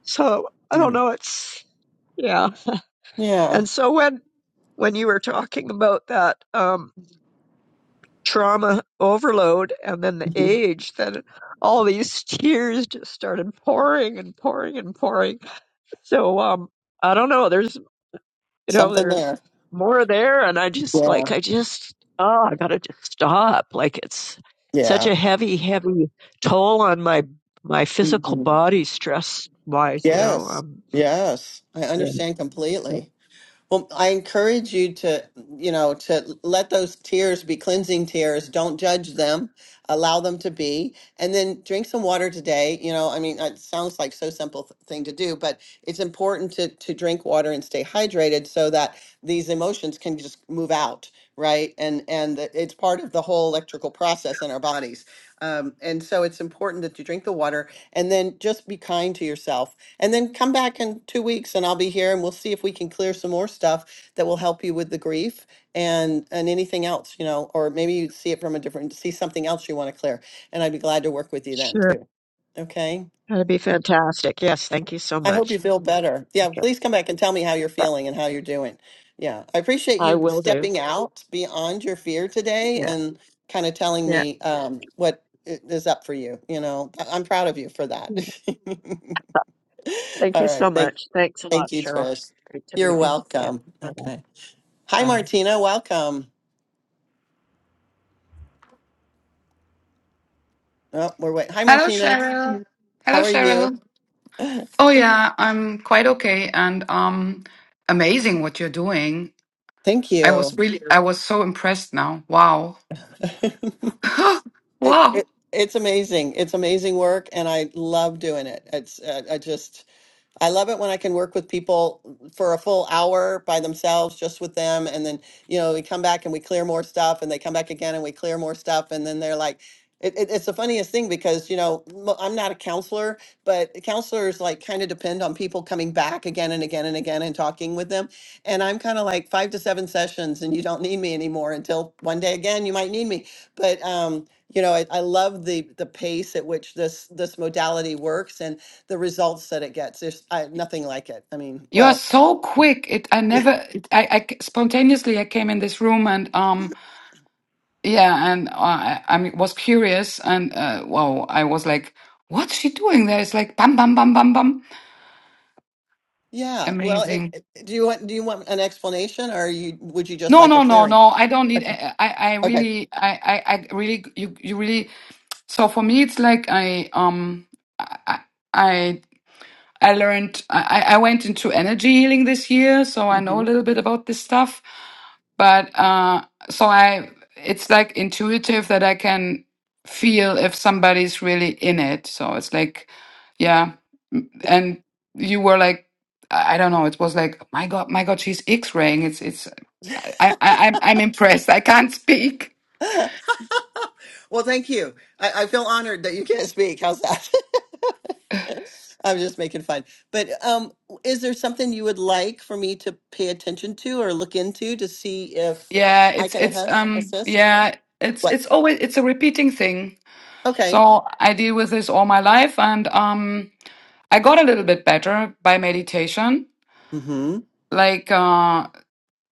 So I don't know. It's yeah. yeah And so when when you were talking about that um, trauma overload and then the yeah age, then all these tears just started pouring and pouring and pouring. So um, I don't know. There's you know Something there's there. more there, and I just like Yeah. I just oh I gotta just stop. Like it's such Yeah. a heavy heavy toll on my my physical hmm body stress wise. You know Yes. um Yes. I yeah. understand completely. Well, I encourage you to, you know, to let those tears be cleansing tears. Don't judge them. Allow them to be. And then drink some water today. You know, I mean, it sounds like so simple th- thing to do, but it's important to to drink water and stay hydrated so that these emotions can just move out, right? And and that it's part of the whole electrical process in our bodies. Um, and so it's important that you drink the water and then just be kind to yourself and then come back in two weeks and I'll be here and we'll see if we can clear some more stuff that will help you with the grief and and anything else, you know, or maybe you see it from a different see something else you want to clear. And I'd be glad to work with you then Sure. too. Okay. That'd be fantastic. Yes, thank you so I hope you much. feel better. Yeah, Okay. please come back and tell me how you're that- feeling and how you're doing. Yeah. I appreciate I you will do. stepping out beyond your fear today Yeah, and kind of telling yeah. me um what i- is up for you, you know. I- I'm proud of you for that. yeah. Thank All you right. so Thank much. Thanks a lot, Thank you, Cheryl. Trish. Great to You're meet you. Yeah. welcome. Bye-bye. Okay. Hi, Bye. Martina. Welcome. Oh, we're wait. Hi, Hello, Martina. Cheryl. Hello, How are you? Cheryl. Oh yeah, I'm quite okay, and um, amazing what you're doing. Thank I was you. really, I was so impressed now. Wow, it, wow, it, it's amazing. It's amazing work, and I love doing it. It's uh, I just I love it when I can work with people for a full hour by themselves, just with them. And then, you know, we come back and we clear more stuff, and they come back again and we clear more stuff. And then they're like, it, it, it's the funniest thing because, you know, mo- I'm not a counselor, but counselors like kind of depend on people coming back again and again and again and talking with them. And I'm kind of like five to seven sessions, and you don't need me anymore until one day again, you might need me. But, um, you know, I, I love the the pace at which this this modality works, and the results that it gets. There's I, nothing like it. I mean, you are well, so quick. It, I never, it, I, I c- spontaneously I came in this room and um, yeah, and uh, I, I mean, was curious and uh, wow, I was like, what's she doing there? It's like bam, bam, bam, bam, bam. yeah. Well, it, Amazing. it- do you want do you want an explanation, or you would you just No, like a no, no, clearing? no. I don't need. Okay. I, I I Okay. really, I, I, I really, you, you really So for me, it's like I um I I I learned I I went into energy healing this year, so I know a hmm little bit about this stuff. But uh, so I it's like intuitive that I can feel if somebody's really in it. So it's like, yeah, and you were like. I I don't know. It was like, "Oh my God, my God, she's X-raying. It's, it's. I, I, I'm, I'm impressed. I can't speak. well, thank you. I, I feel honored that you can't speak. How's that? I'm just making fun. But um, is there something you would like for me to pay attention to or look into to see if Yeah, I it's can it's assist? um assist? yeah, it's What? it's always it's a repeating thing. Okay. So I deal with this all my life and um I got a little bit better by meditation, Mm-hmm. like uh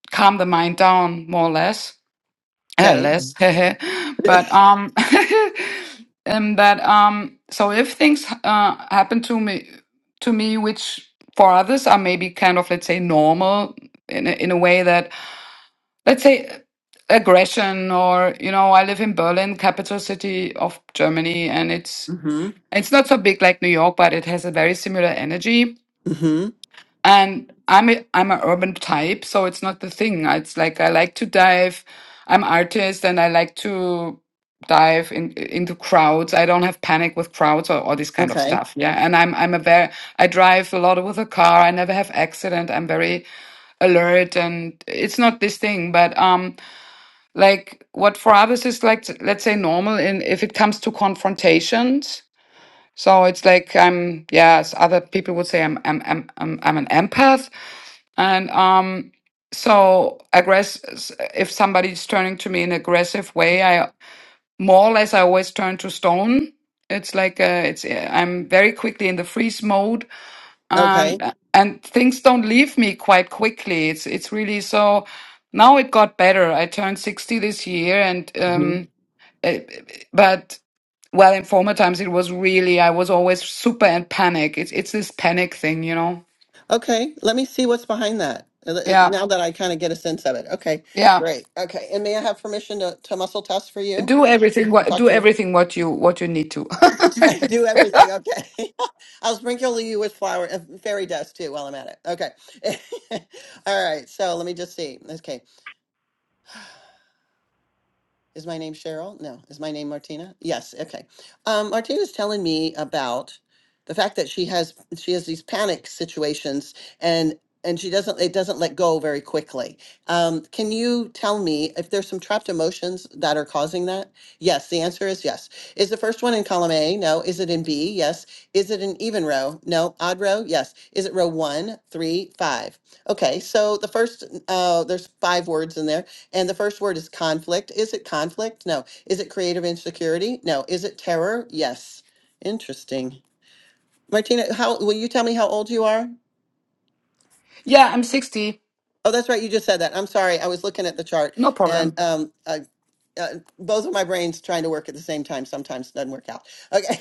calm the mind down more or less. Uh, Okay. less. But um and that um so if things uh happen to me to me which for others are maybe kind of let's say normal in a, in a way that let's say aggression or you know i live in berlin capital city of germany and it's Mm-hmm. it's not so big like new york but it has a very similar energy Mm-hmm. and i'm a, i'm an urban type so it's not the thing it's like i like to dive i'm artist and i like to dive in, into crowds i don't have panic with crowds or all this kind of Okay. stuff yeah and i'm i'm a very i drive a lot with a car i never have accident i'm very alert and it's not this thing but um like what for others is like let's say normal in if it comes to confrontations so it's like i'm yes other people would say i'm i'm i'm i'm, I'm an empath and um so aggress s- if somebody's turning to me in aggressive way i more or less i always turn to stone it's like uh, it's eh, i'm very quickly in the freeze mode Okay. and and things don't leave me quite quickly it's it's really so now it got better i turned 60 this year and Mhm. um it, but well in former times it was really i was always super in panic it's it's this panic thing you know Okay, let me see what's behind that. uh, uh, yeah Now that I kind of get a sense of it. Okay, yeah great. Okay, and may I have permission to, to muscle test for you do everything and what talk do to your everything what you what you need to do everything? Okay, I'll sprinkle you with flour and fairy dust too while I'm at it. Okay, all right. So let me just see. Okay, Is my name Cheryl? No. Is my name Martina? Yes. Okay. Um, Martina's telling me about the fact that she has she has these panic situations and and she doesn't it doesn't let go very quickly. Um, can you tell me if there's some trapped emotions that are causing that? Yes. The answer is yes. Is the first one in column A? No. Is it in B? Yes. Is it an even row? No. Odd row? Yes. Is it row one, three, five? Okay. So the first uh, there's five words in there. And the first word is conflict. Is it conflict? No. Is it creative insecurity? No. Is it terror? Yes. Interesting. Martina, how will you tell me how old you are? yeah i'm 60 Oh, that's right. You just said that. I'm sorry. I was looking at the chart no and problem um, uh, uh, both of my brains trying to work at the same time sometimes doesn't work out. Okay.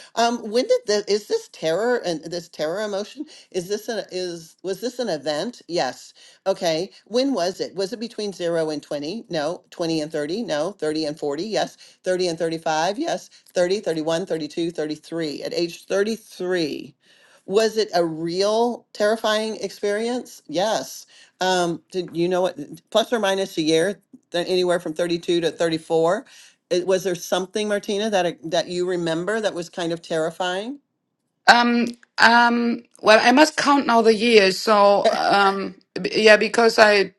um, when did the is this terror and this terror emotion is this an is was this an event? Yes. Okay. When was it? Was it between 0 and 20? No. 20 and 30? No. 30 and 40? Yes. 30 and 35? Yes. 30, 31, 32, 33. At age 33, was it a real terrifying experience? Yes. Um, did you know what plus or minus a year? than anywhere from 32 to 34. It, was there something, Martina, that it- that you remember that was kind of terrifying? um um well i must count now the years so Eh, um b- yeah because i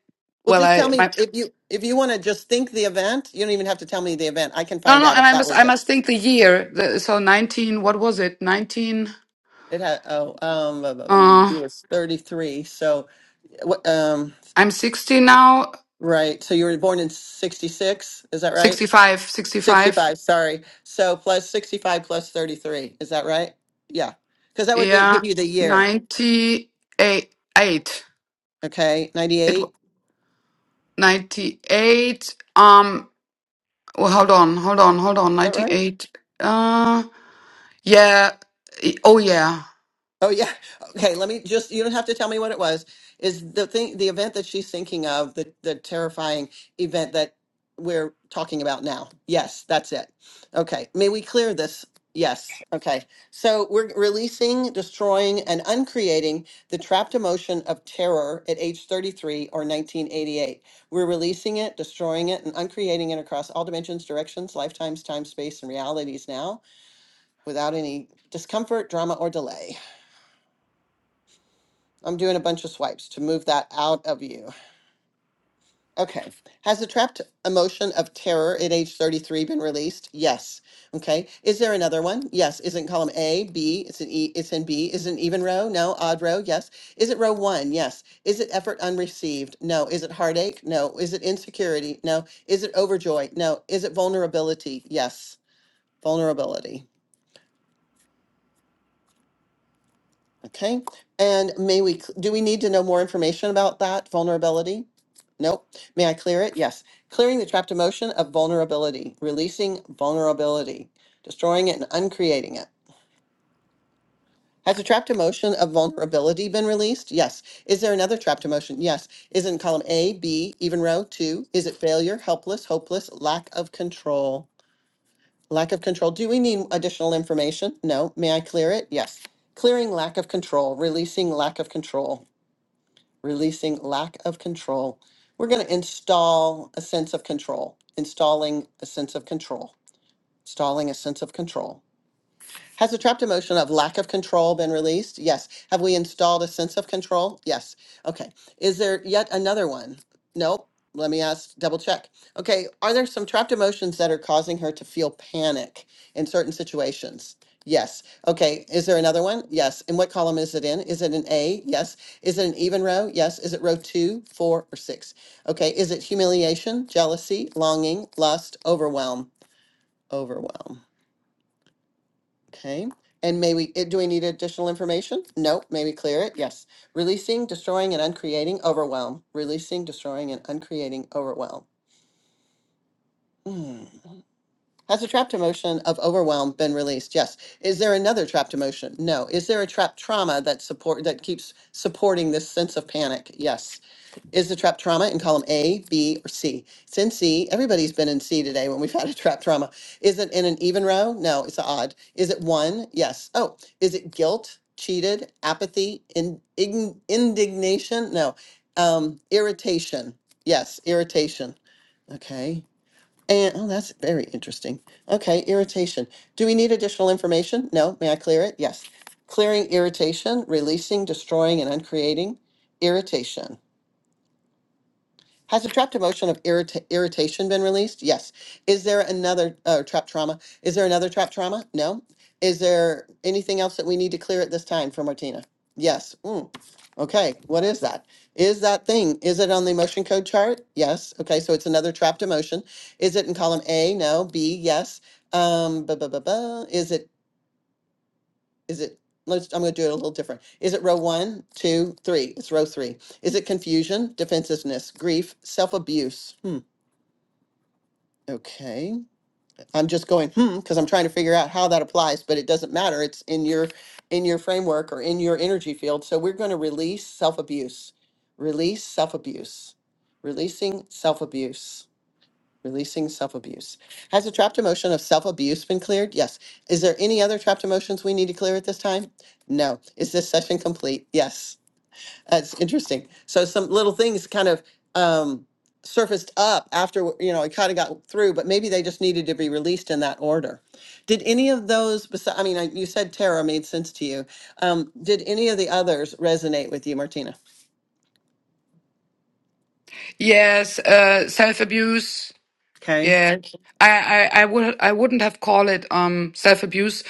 Well, well just i tell me my, if you if you want to just think the event. You don't even have to tell me the event. I can No, find no, out and if I that must, was I it. must think the year. The, so nineteen, what was it? Nineteen. It had oh um blah, blah, blah, Uh, it's 33. So uh, what um I'm sixty now. right. So you were born in 66, is that right? 65, 65. 65, sorry. So plus 65 plus 33, is that right? Yeah. Cuz that would be, Yeah, give you the year, ninety-eight. It okay? 98, w- is ninety-eight. Um, well, hold on, hold on, hold on. that right? Ninety-eight. Uh, yeah. y- Oh, yeah. Oh yeah. Okay, let me just you don't have to tell me what it was. Is the thing the event that she's thinking of, the the terrifying event that we're talking about now. Yes, that's it. Okay. May we clear this? Yes. Okay. So we're releasing, destroying, and uncreating the trapped emotion of terror at age 33 or 1988. We're releasing it, destroying it, and uncreating it across all dimensions, directions, lifetimes, time, space, and realities now without any discomfort, drama, or delay. I'm doing a bunch of swipes to move that out of you. Okay. Has the trapped emotion of terror at age 33 been released? Yes. Okay. Is there another one? Yes. Isn't column A, B, it's an E, it's in B. Isn't even row? No. Odd row? Yes. Is it row one? Yes. Is it effort unreceived? No. Is it heartache? No. Is it insecurity? No. Is it overjoy? No. Is it vulnerability? Yes. Vulnerability. Okay, and may we, do we need to know more information about that vulnerability? Nope. May I clear it? Yes. Clearing the trapped emotion of vulnerability, releasing vulnerability, destroying it and uncreating it. Has the trapped emotion of vulnerability been released? Yes. Is there another trapped emotion? Yes. Is it in column A, B, even row two? Is it failure, helpless, hopeless, lack of control? Lack of control. Do we need additional information? No. May I clear it? Yes. Clearing lack of control, releasing lack of control. releasing lack of control. We're going to install a sense of control, installing a sense of control, installing a sense of control. Has the trapped emotion of lack of control been released? Yes. Have we installed a sense of control? Yes. Okay. Is there yet another one? Nope. Let me ask, double check. Okay. Are there some trapped emotions that are causing her to feel panic in certain situations? Yes. Okay. Is there another one? Yes. And what column is it in? Is it an A? Yes. Is it an even row? Yes. Is it row two, four, or six? Okay. Is it humiliation, jealousy, longing, lust, overwhelm? Overwhelm. Okay, and may we, eh, do we need additional information? No, may we clear it? Yes. Releasing, destroying, and uncreating overwhelm. Releasing, destroying, and uncreating overwhelm. Hmm. Has a trapped emotion of overwhelm been released? Yes. Is there another trapped emotion? No. Is there a trapped trauma that support, that keeps supporting this sense of panic? Yes. Is the trap trauma in column A, B, or C? It's in C. Everybody's been in C today when we've had a trap trauma. Is it in an even row? No, it's odd. Is it one? Yes. Oh, is it guilt, cheated, apathy, in, ign- indignation? No. Um, irritation. Yes, irritation. Okay. And oh, that's very interesting. Okay, irritation. Do we need additional information? No. May I clear it? Yes. Clearing irritation, releasing, destroying, and uncreating irritation. Has a trapped emotion of irrita- irritation been released? Yes. Is there another uh, trapped trauma? Is there another trapped trauma? No. Is there anything else that we need to clear at this time for Martina? Yes. Mm. Okay. What is that? Is that thing? Is it on the emotion code chart? Yes. Okay. So it's another trapped emotion. Is it in column A? No. B? Yes. Um. Ba ba ba ba. Is it? Is it? Let's. I'm going to do it a little different. Is it row one, two, three? It's row three. Is it confusion, defensiveness, grief, self abuse? Okay. I'm just going, hmm, because I'm trying to figure out how that applies, but it doesn't matter. It's in your in your framework or in your energy field. So we're going to release self-abuse. Release self-abuse. Releasing self-abuse. Releasing self-abuse. Has the trapped emotion of self-abuse been cleared? Yes. Is there any other trapped emotions we need to clear at this time? No. Is this session complete? Yes. That's interesting. So some little things kind of um, surfaced up after, you know, it kind of got through, but maybe they just needed to be released in that order. Did any of those, besi- I mean, I, you said Tara made sense to you. Um, did any of the others resonate with you, Martina? Yes. Uh, self abuse. Okay. Yeah. I, I, I would I wouldn't have called it um self abuse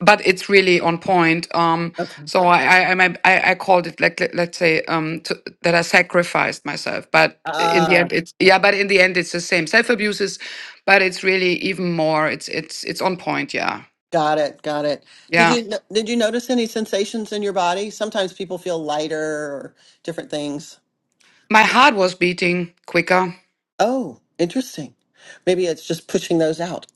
but it's really on point. Um, Okay. so I, I, I, I I called it like let, let's say um, to, that I sacrificed myself, but in the Ah, end, it's yeah. But in the end, it's the same self abuse is, but it's really even more. It's it's it's on point. Yeah, got it. Got it. Did yeah. you no- did you notice any sensations in your body? Sometimes people feel lighter or different things. My heart was beating quicker. Oh, interesting. Maybe it's just pushing those out.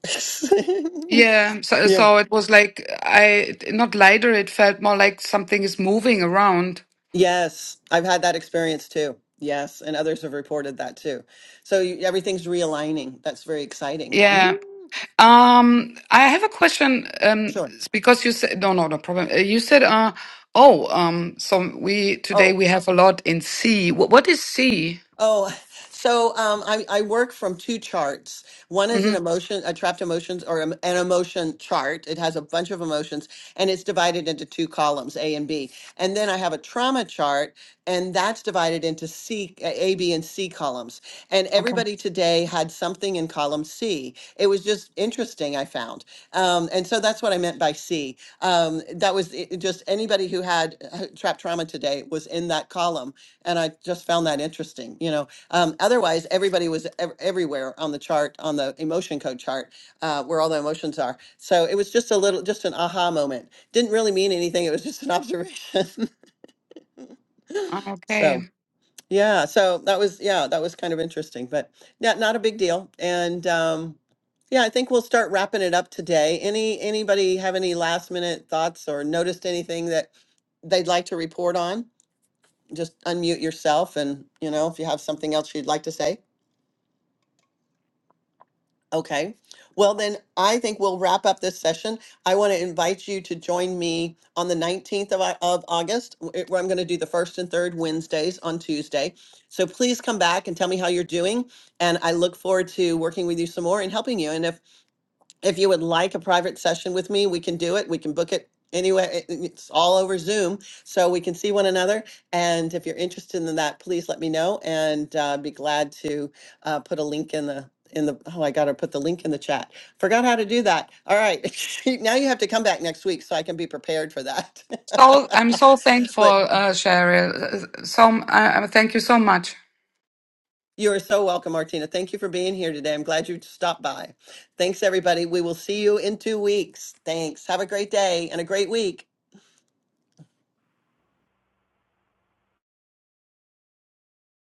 Yeah, so yeah. so it was like I not lighter. It felt more like something is moving around. Yes, I've had that experience too. Yes, and others have reported that too. So you, everything's realigning. That's very exciting. Yeah, Mhm. Um, I have a question. Um, Sure. it's because you said no, no, no problem. Uh, You said, uh, oh, um, so we today Oh, we have a lot in C. What, what is C? Oh, so um, I, I work from two charts. One is hmm an emotion, a trapped emotions or em- an emotion chart. It has a bunch of emotions and it's divided into two columns, A and B. And then I have a trauma chart and that's divided into C, uh, A, B, and C columns. And Okay. everybody today had something in column C. It was just interesting, I found. Um, and so that's what I meant by C. Um, that was it, it just anybody who had uh, trapped trauma today was in that column and I just found that interesting. You know, um, otherwise everybody was ev- everywhere on the chart on the emotion code chart uh, where all the emotions are. So it was just a little, just an aha moment. Didn't really mean anything. It was just an observation. Okay. so yeah, so that was yeah, that was kind of interesting, but yeah, not a big deal. And um, yeah, I think we'll start wrapping it up today. Any anybody have any last minute thoughts or noticed anything that they'd like to report on? just unmute yourself and, you know, if you have something else you'd like to say. Okay. Well, then I think we'll wrap up this session. I want to invite you to join me on the 19th of, Au- of August, w- it- where I'm going to do the first and third Wednesdays on Tuesday. So please come back and tell me how you're doing. And I look forward to working with you some more and helping you. And if if you would like a private session with me, we can do it. We can book it anyway. It- It's all over Zoom, so we can see one another. And if you're interested in that, please let me know, and uh, be glad to uh, put a link in the in the. Oh, I gotta put the link in the chat. Forgot how to do that. All right, now you have to come back next week so I can be prepared for that. So I'm so thankful, but uh, Cheryl. Uh, So uh, thank you so much. you are so welcome, Martina. Thank you for being here today. I'm glad you stopped by. Thanks, everybody. We will see you in two weeks. Thanks. Have a great day and a great week.